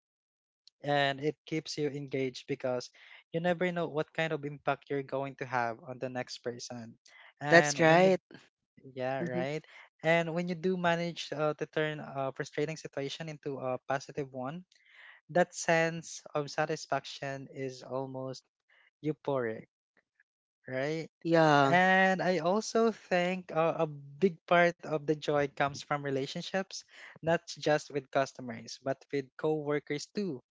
Speaker 2: and it keeps you engaged because you never know what kind of impact you're going to have on the next person.
Speaker 1: That's
Speaker 2: And when you
Speaker 1: right.
Speaker 2: yeah
Speaker 1: Mm-hmm.
Speaker 2: right and when you do manage uh, to turn a frustrating situation into a positive one, that sense of satisfaction is almost euphoric, right?
Speaker 1: Yeah.
Speaker 2: And I also think uh, a big part of the joy comes from relationships, not just with customers, but with co-workers too.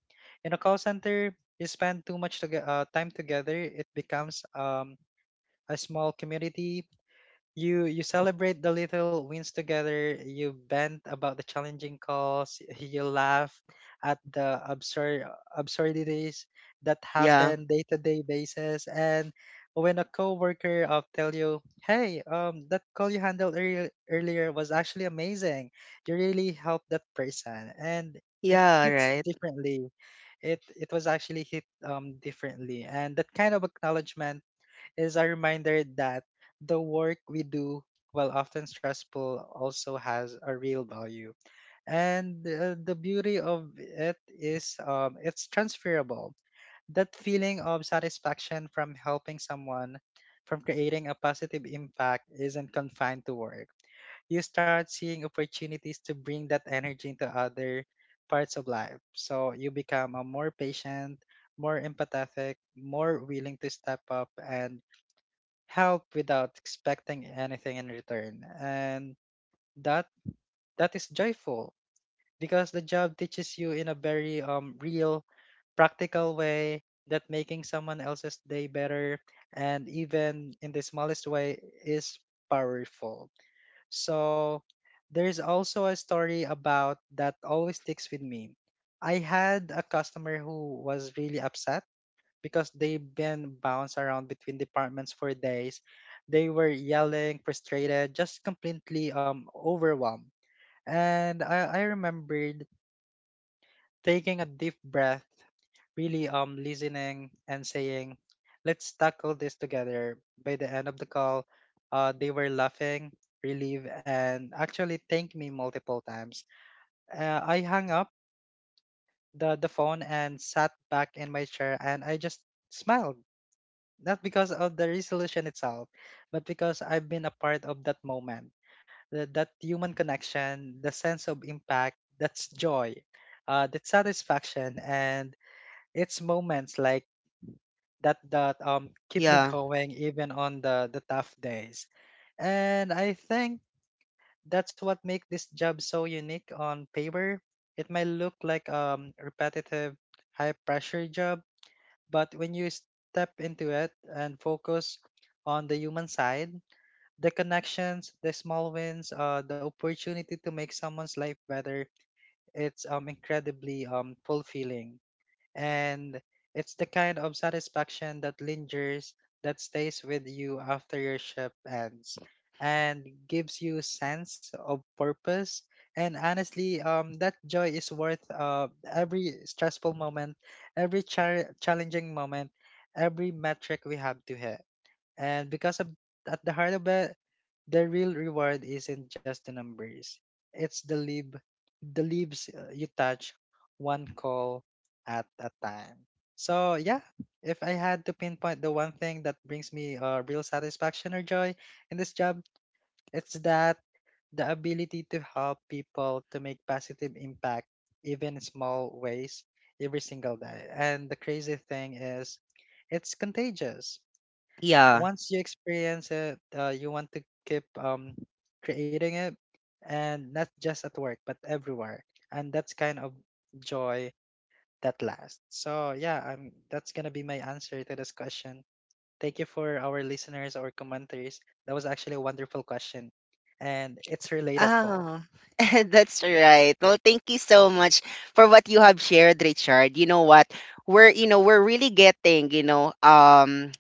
Speaker 2: In a call center, you spend too much toge- uh, time together. It becomes um, a small community. You you celebrate the little wins together. You bent about the challenging calls. You laugh at the absurd absurdities that
Speaker 1: Yeah.
Speaker 2: happen day to day basis. And when a coworker uh, tell you, "Hey, um, that call you handled earlier earlier was actually amazing. You really helped that person," and it
Speaker 1: Yeah.
Speaker 2: hits
Speaker 1: Right.
Speaker 2: differently. It it was actually hit um differently, and that kind of acknowledgement is a reminder that the work we do, while often stressful, also has a real value. And uh, the beauty of it is, um, it's transferable. That feeling of satisfaction from helping someone, from creating a positive impact, isn't confined to work. You start seeing opportunities to bring that energy into other parts of life. So you become a more patient, more empathetic, more willing to step up and help without expecting anything in return. And that that is joyful because the job teaches you in a very um real practical way that making someone else's day better, and even in the smallest way, is powerful. So there's also a story about that always sticks with me. I had a customer who was really upset because they've been bounced around between departments for days. They were yelling, frustrated, just completely um overwhelmed. And I, I remembered taking a deep breath, really um listening and saying, "Let's tackle this together." By the end of the call, uh, they were laughing, relieved, and actually thanked me multiple times. Uh, I hung up the the phone and sat back in my chair, and I just smiled, not because of the resolution itself, but because I've been a part of that moment, that, that human connection, the sense of impact. That's joy, uh, that satisfaction, and it's moments like that that um keep me
Speaker 1: Yeah.
Speaker 2: going even on the the tough days. And I think that's what makes this job so unique. On paper, it might look like um repetitive, high pressure job, but when you step into it and focus on the human side, the connections, the small wins, uh, the opportunity to make someone's life better, it's um incredibly um fulfilling. And it's the kind of satisfaction that lingers, that stays with you after your shift ends, and gives you sense of purpose. And honestly, um, that joy is worth uh, every stressful moment, every char- challenging moment, every metric we have to hit. And because of, at the heart of it, the real reward isn't just the numbers. It's the leave, the leaves uh, you touch, one call at a time. So yeah, if I had to pinpoint the one thing that brings me uh, real satisfaction or joy in this job, it's that the ability to help people to make positive impact, even in small ways, every single day. And the crazy thing is, it's contagious.
Speaker 1: Yeah.
Speaker 2: Once you experience it, uh, you want to keep um, creating it, and not just at work, but everywhere. And that's kind of joy that lasts. So yeah, I'm that's gonna be my answer to this question. Thank you for our listeners or commenters. That was actually a wonderful question, and it's relatable.
Speaker 1: Oh, that's right. Well, thank you so much for what you have shared, Richard. You know what? We're, you know, we're really getting, you know, um,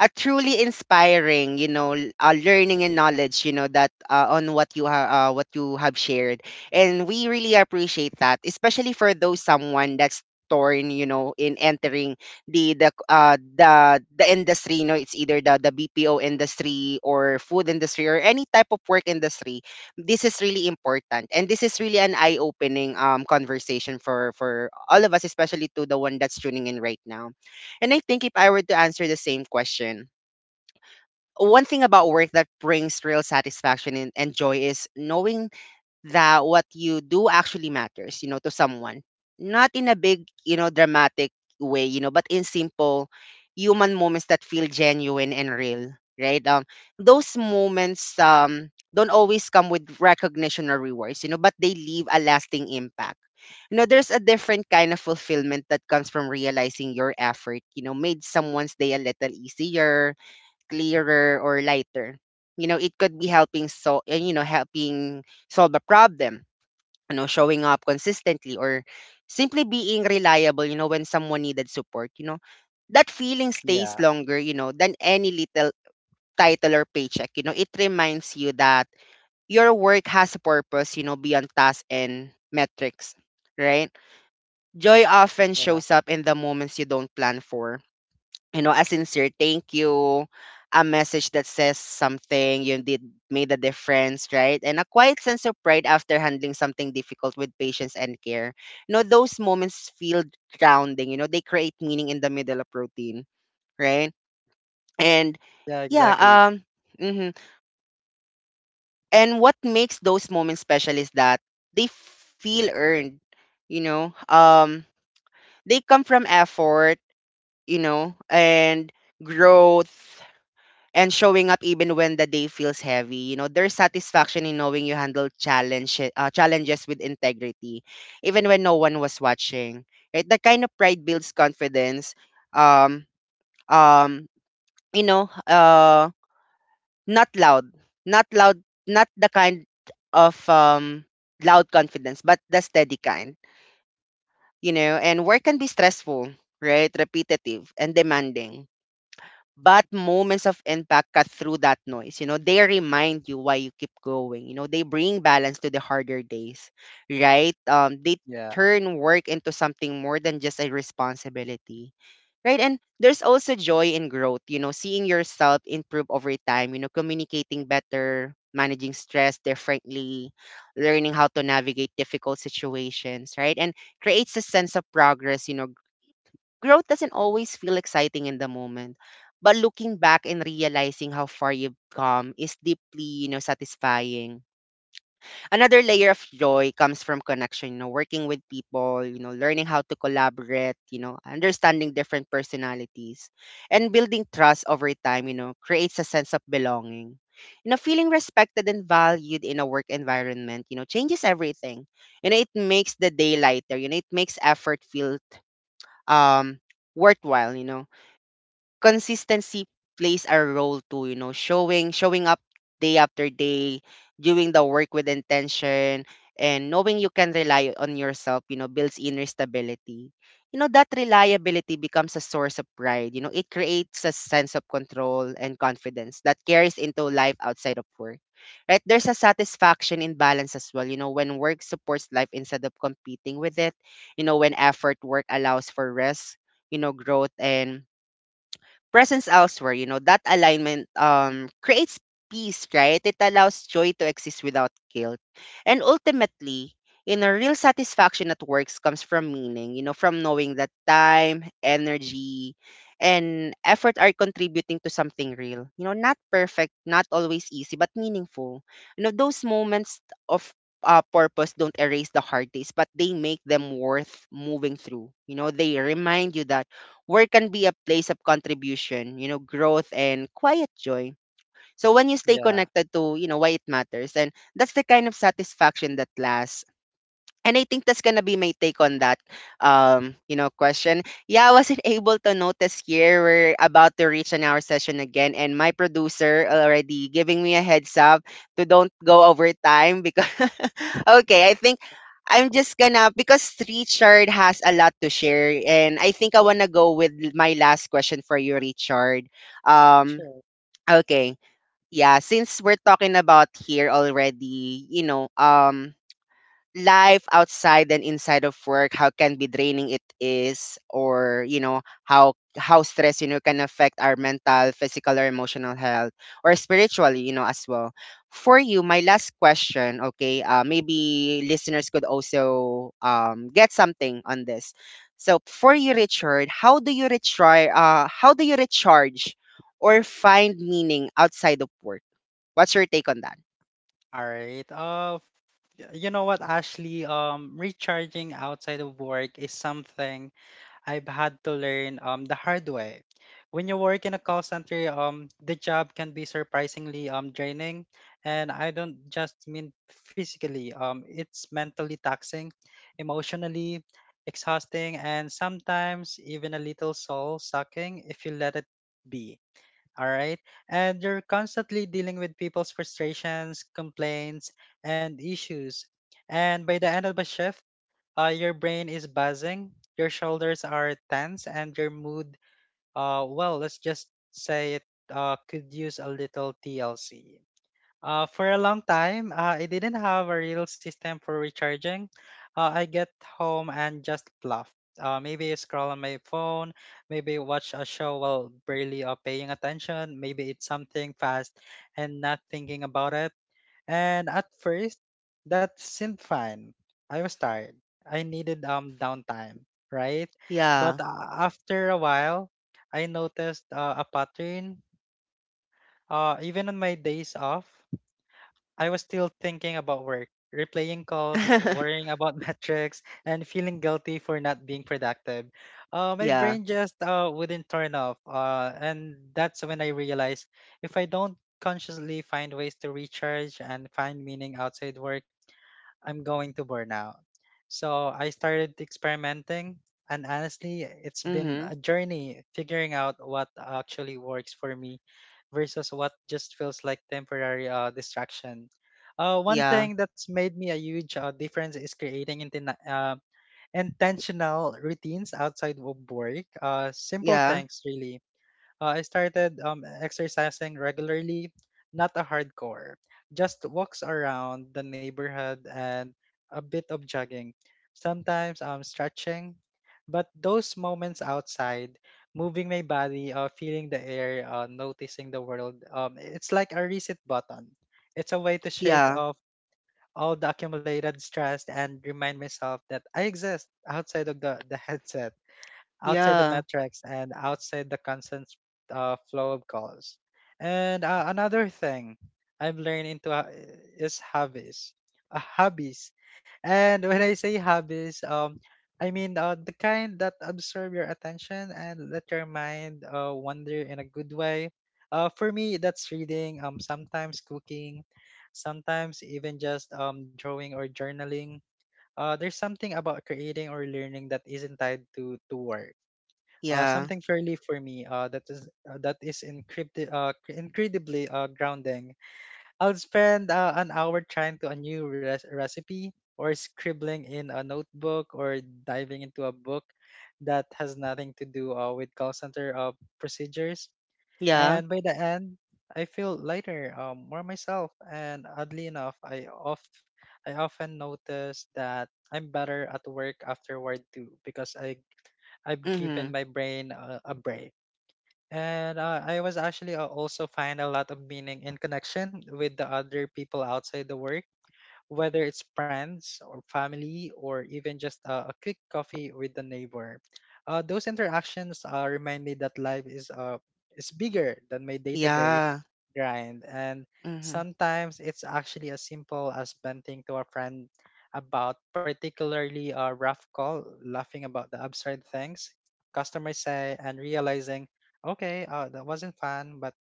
Speaker 1: a truly inspiring, you know, l- uh, learning and knowledge, you know, that uh, on what you ha- uh, what you have shared, and we really appreciate that, especially for those someone that's torn, you know, in entering the the uh the the industry. You know, it's either the the B P O industry or food industry or any type of work industry. This is really important, and this is really an eye-opening um conversation for for all of us, especially to the one that's tuning in right now. And I think if I were to answer the same question, one thing about work that brings real satisfaction and, and joy is knowing that what you do actually matters, you know, to someone. Not in a big, you know, dramatic way, you know, but in simple human moments that feel genuine and real, right? Um, those moments um don't always come with recognition or rewards, you know, but they leave a lasting impact. You know, there's a different kind of fulfillment that comes from realizing your effort, you know, made someone's day a little easier, clearer or lighter. You know, it could be helping so uh, you know, helping solve a problem, you know, showing up consistently or simply being reliable, you know, when someone needed support, you know. That feeling stays
Speaker 2: Yeah,
Speaker 1: longer, you know, than any little title or paycheck. You know, it reminds you that your work has a purpose, you know, beyond tasks and metrics, right? Joy often
Speaker 2: yeah,
Speaker 1: shows up in the moments you don't plan for you know, a sincere thank you, a message that says something you did made a difference, right? And a quiet sense of pride after handling something difficult with patience and care. You know, those moments feel grounding, you know, they create meaning in the middle of routine, right? And
Speaker 2: yeah,
Speaker 1: yeah,
Speaker 2: exactly.
Speaker 1: um mhm. And what makes those moments special is that they feel earned, you know. Um They come from effort, you know, and growth and showing up even when the day feels heavy. You know, there's satisfaction in knowing you handled challenge, uh, challenges with integrity, even when no one was watching. Right? That kind of pride builds confidence. Um, um, you know, uh, Not loud, not loud, not the kind of um, loud confidence, but the steady kind. You know, and work can be stressful, right? Repetitive and demanding but moments of impact cut through that noise. You know, they remind you why you keep going. You know, they bring balance to the harder days, right? Um, they
Speaker 2: Yeah,
Speaker 1: turn work into something more than just a responsibility. Right. And there's also joy in growth, you know, seeing yourself improve over time, you know, communicating better, managing stress differently, learning how to navigate difficult situations, right? And creates a sense of progress, you know, growth doesn't always feel exciting in the moment but looking back and realizing how far you've come is deeply you know satisfying another layer of joy comes from connection you know working with people you know learning how to collaborate you know understanding different personalities and building trust over time you know creates a sense of belonging you know feeling respected and valued in a work environment you know changes everything you know it makes the day lighter you know it makes effort feel um worthwhile you know consistency plays a role too you know showing showing up day after day doing the work with intention and knowing you can rely on yourself you know builds inner stability you know that reliability becomes a source of pride you know it creates a sense of control and confidence that carries into life outside of work right there's a satisfaction in balance as well you know when work supports life instead of competing with it you know when effort work allows for rest you know growth and presence elsewhere, you know, that alignment um creates peace, right? It allows joy to exist without guilt. And ultimately, you know, real satisfaction at works comes from meaning, you know, from knowing that time, energy, and effort are contributing to something real. You know, not perfect, not always easy, but meaningful. You know, those moments of uh, purpose don't erase the hard days, but they make them worth moving through. You know, they remind you that work can be a place of contribution, you know, growth and quiet joy. So when you stay
Speaker 2: yeah.
Speaker 1: connected to, you know, why it matters, and that's the kind of satisfaction that lasts. And I think that's gonna be my take on that, um, you know, question. Yeah, I wasn't able to notice here. We're about to reach an hour session again, and my producer already giving me a heads up to don't go over time because. Okay, I think I'm just gonna because Richard has a lot to share, and I think I wanna go with my last question for you, Richard.
Speaker 2: All right,
Speaker 1: Um,
Speaker 2: sure.
Speaker 1: okay, yeah, since we're talking about here already, you know, um life outside and inside of work how can be draining it is or you know how how stress you know can affect our mental physical or emotional health or spiritually you know as well for you my last question okay uh, maybe listeners could also um, get something on this so for you richard how do you recharge uh, how do you recharge or find meaning outside of work what's your take on that
Speaker 2: All right. Uh, f- you know what, Ashley? Um, recharging outside of work is something I've had to learn um the hard way. When you work in a call center, um, the job can be surprisingly um draining, and I don't just mean physically. Um, it's mentally taxing, emotionally exhausting, and sometimes even a little soul sucking if you let it be. All right. And you're constantly dealing with people's frustrations, complaints, and issues. And by the end of the shift, uh, your brain is buzzing, your shoulders are tense, and your mood, uh, well, let's just say it uh, could use a little T L C. Uh, for a long time, uh, I didn't have a real system for recharging. Uh, I get home and just bluff. Uh, maybe I scroll on my phone, maybe watch a show while barely uh, paying attention, maybe it's something fast and not thinking about it. And at first, that seemed fine. I was tired. I needed um downtime, right? But
Speaker 1: yeah
Speaker 2: uh, after a while, I noticed uh, a pattern. Uh, even on my days off, I was still thinking about work, replaying calls, worrying about metrics, and feeling guilty for not being productive. Uh, my
Speaker 1: yeah
Speaker 2: brain just uh, wouldn't turn off. Uh, and that's when I realized, if I don't consciously find ways to recharge and find meaning outside work, I'm going to burn out. So I started experimenting, and honestly, it's been
Speaker 1: mm-hmm.
Speaker 2: a journey figuring out what actually works for me versus what just feels like temporary uh, distraction. Uh, one
Speaker 1: Yeah,
Speaker 2: thing that's made me a huge uh, difference is creating inten- uh, intentional routines outside of work. Uh, simple
Speaker 1: yeah,
Speaker 2: things, really. uh, I started um, exercising regularly, not a hardcore, just walks around the neighborhood and a bit of jogging. Sometimes I'm stretching, but those moments outside, moving my body, uh, feeling the air, uh, noticing the world, um, it's like a reset button. It's a way to shake
Speaker 1: yeah,
Speaker 2: off all the accumulated stress and remind myself that I exist outside of the, the headset, outside the
Speaker 1: yeah,
Speaker 2: metrics, and outside the constant uh, flow of calls. And uh, another thing I've learned into uh, is hobbies, uh, hobbies. And when I say hobbies, um, I mean uh, the kind that absorb your attention and let your mind uh, wander in a good way. Uh, for me, that's reading, um, sometimes cooking, sometimes even just um, drawing or journaling. Uh, there's something about creating or learning that isn't tied to to work, uh,
Speaker 1: yeah,
Speaker 2: something fairly for me uh, that is uh, that is encrypted uh, cr- incredibly uh, grounding. I'll spend uh, an hour trying to a new res- recipe or scribbling in a notebook or diving into a book that has nothing to do uh, with call center uh, procedures.
Speaker 1: yeah,
Speaker 2: And by the end, I feel lighter, um, more myself. And oddly enough, I off I often notice that I'm better at work afterward too, because I I've given
Speaker 1: mhm,
Speaker 2: my brain a, a break. And uh, I was actually uh, also find a lot of meaning in connection with the other people outside the work, whether it's friends or family or even just a, a quick coffee with the neighbor. Uh, those interactions uh, remind me that life is uh, is bigger than my day to day
Speaker 1: yeah,
Speaker 2: grind, and
Speaker 1: mhm,
Speaker 2: sometimes it's actually as simple as venting to a friend about particularly a rough call, laughing about the absurd things customers say, and realizing, okay, uh, that wasn't fun, but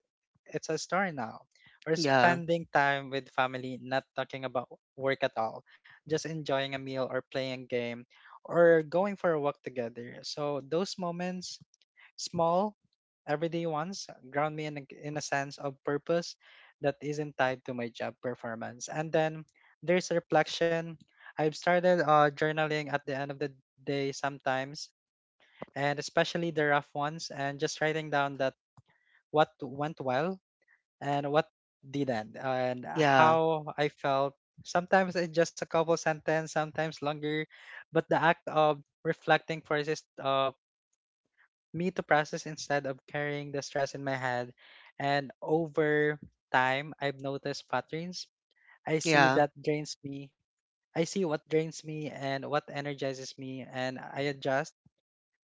Speaker 2: it's a story now. Or
Speaker 1: yeah,
Speaker 2: spending time with family, not talking about work at all, just enjoying a meal or playing a game or going for a walk together. So those moments, small, everyday ones, ground me in a, in a sense of purpose that isn't tied to my job performance. And then there's reflection. I've started uh, journaling at the end of the day sometimes, and especially the rough ones, and just writing down that what went well and what didn't and
Speaker 1: yeah,
Speaker 2: how I felt. Sometimes it's just a couple sentence, sometimes longer, but the act of reflecting forces uh, me to process instead of carrying the stress in my head. And over time, I've noticed patterns. I see
Speaker 1: yeah,
Speaker 2: that drains me. I see what drains me and what energizes me, and I adjust.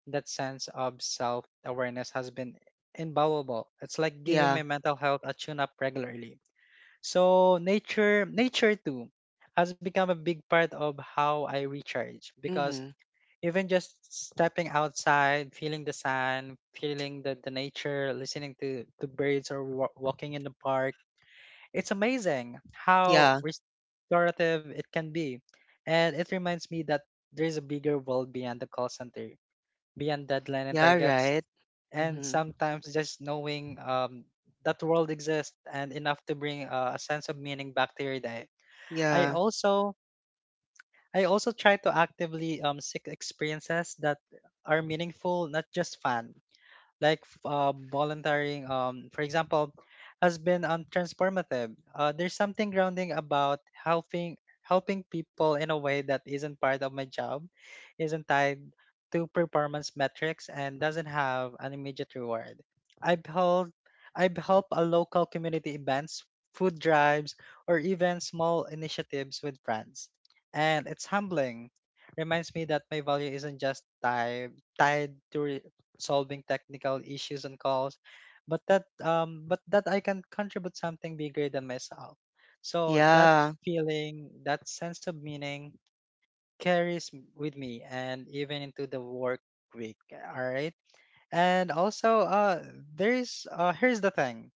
Speaker 2: That sense of self awareness has been invaluable. It's like giving
Speaker 1: yeah,
Speaker 2: my mental health a tune up regularly. So nature, nature too, has become a big part of how I recharge, because
Speaker 1: mhm,
Speaker 2: even just stepping outside, feeling the sun, feeling the, the nature, listening to to birds or wa- walking in the park, it's amazing how
Speaker 1: yeah,
Speaker 2: restorative it can be, and it reminds me that there is a bigger world beyond the call center, beyond deadline and
Speaker 1: yeah,
Speaker 2: targets,
Speaker 1: right,
Speaker 2: and
Speaker 1: mhm,
Speaker 2: sometimes just knowing um, that world exists and enough to bring uh, a sense of meaning back to your day. I
Speaker 1: yeah,
Speaker 2: also I also try to actively um, seek experiences that are meaningful, not just fun, like f- uh, volunteering, um, for example, has been um, transformative. Uh, there's something grounding about helping helping people in a way that isn't part of my job, isn't tied to performance metrics, and doesn't have an immediate reward. I've helped I've helped a local community events, food drives, or even small initiatives with friends, and it's humbling, reminds me that my value isn't just tied tied to re- solving technical issues and calls, but that um but that I can contribute something bigger than myself. So that
Speaker 1: yeah,
Speaker 2: feeling, that sense of meaning carries m- with me and even into the work week. All right. And also uh there's uh here's the thing.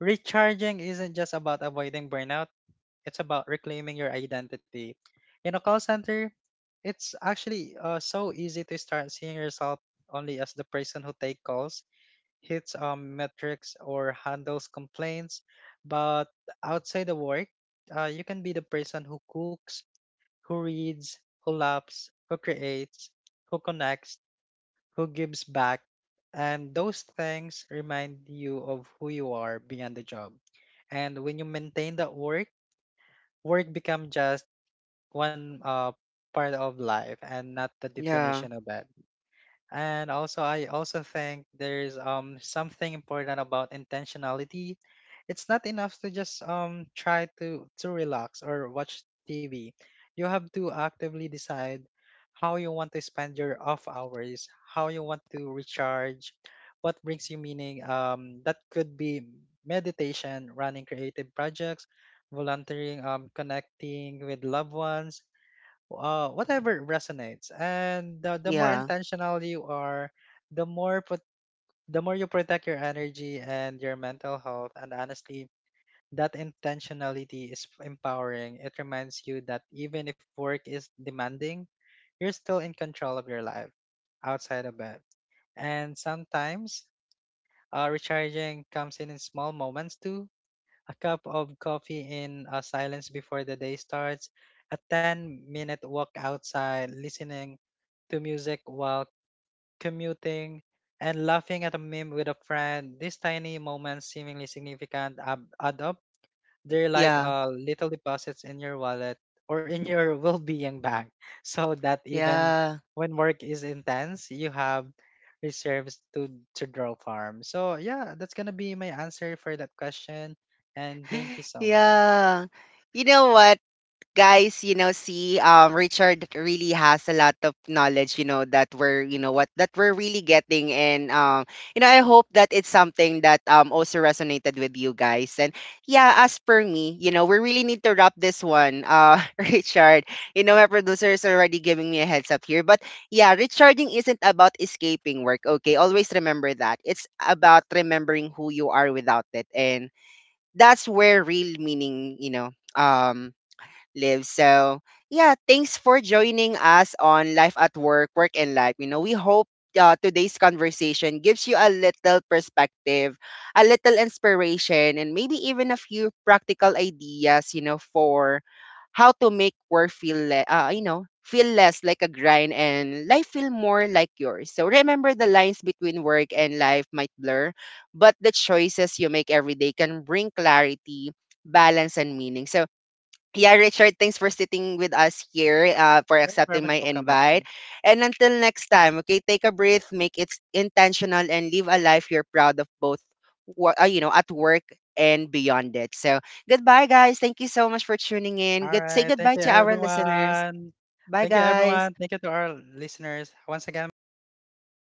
Speaker 2: Recharging isn't just about avoiding burnout, it's about reclaiming your identity. In a call center, it's actually uh, so easy to start seeing yourself only as the person who take calls, hits um, metrics, or handles complaints. But outside the work, uh, you can be the person who cooks, who reads, who loves, who creates, who connects, who gives back. And those things remind you of who you are beyond the job. And when you maintain that work, work becomes just one uh, part of life and not the
Speaker 1: yeah,
Speaker 2: definition of it. And also, I also think there's um something important about intentionality. It's not enough to just um try to to relax or watch T V. You have to actively decide how you want to spend your off hours, how you want to recharge, what brings you meaning. Um, that could be meditation, running creative projects, volunteering, um, connecting with loved ones, uh, whatever resonates. And the, the more
Speaker 1: yeah,
Speaker 2: intentional you are, the more put, the more you protect your energy and your mental health. And honestly, that intentionality is empowering. It reminds you that even if work is demanding, you're still in control of your life outside of bed. And sometimes uh, recharging comes in, in small moments too. A cup of coffee in uh, silence before the day starts, a ten minute walk outside, listening to music while commuting, and laughing at a meme with a friend. These tiny moments, seemingly significant, ab- add up. They're like
Speaker 1: yeah,
Speaker 2: uh, little deposits in your wallet or in your well being bank, so that even
Speaker 1: yeah,
Speaker 2: when work is intense, you have reserves to, to draw from. So, yeah, that's going to be my answer for that question. And thank you so much.
Speaker 1: yeah. You know what? Guys, you know, see, um, Richard really has a lot of knowledge, you know, that we're, you know, what that we're really getting, and um, you know, I hope that it's something that um also resonated with you guys. And yeah, as per me, you know, we really need to wrap this one, uh, Richard. You know, my producer is already giving me a heads up here, but yeah, recharging isn't about escaping work. Okay, always remember that. It's about remembering who you are without it, and that's where real meaning, you know, um live. So, yeah, thanks for joining us on Life at Work, Work and Life. You know, we hope uh, today's conversation gives you a little perspective, a little inspiration, and maybe even a few practical ideas, you know, for how to make work feel, le- uh, you know, feel less like a grind and life feel more like yours. So remember the lines between work and life might blur, but the choices you make every day can bring clarity, balance, and meaning. So yeah, Richard, thanks for sitting with us here, uh, for
Speaker 2: You're very much
Speaker 1: accepting my
Speaker 2: welcome,
Speaker 1: invite.
Speaker 2: Ashley.
Speaker 1: And until next time, okay, take a breath, make it intentional, and live a life you're proud of both, wo- uh, you know, at work and beyond it. So goodbye, guys. Thank you so much for tuning
Speaker 2: All
Speaker 1: in. Good, say
Speaker 2: right. Thank
Speaker 1: goodbye
Speaker 2: you,
Speaker 1: to our listeners.
Speaker 2: everyone.
Speaker 1: Bye,
Speaker 2: Thank you,
Speaker 1: guys.
Speaker 2: everyone. Thank you to our listeners. Once again, my name is Richard.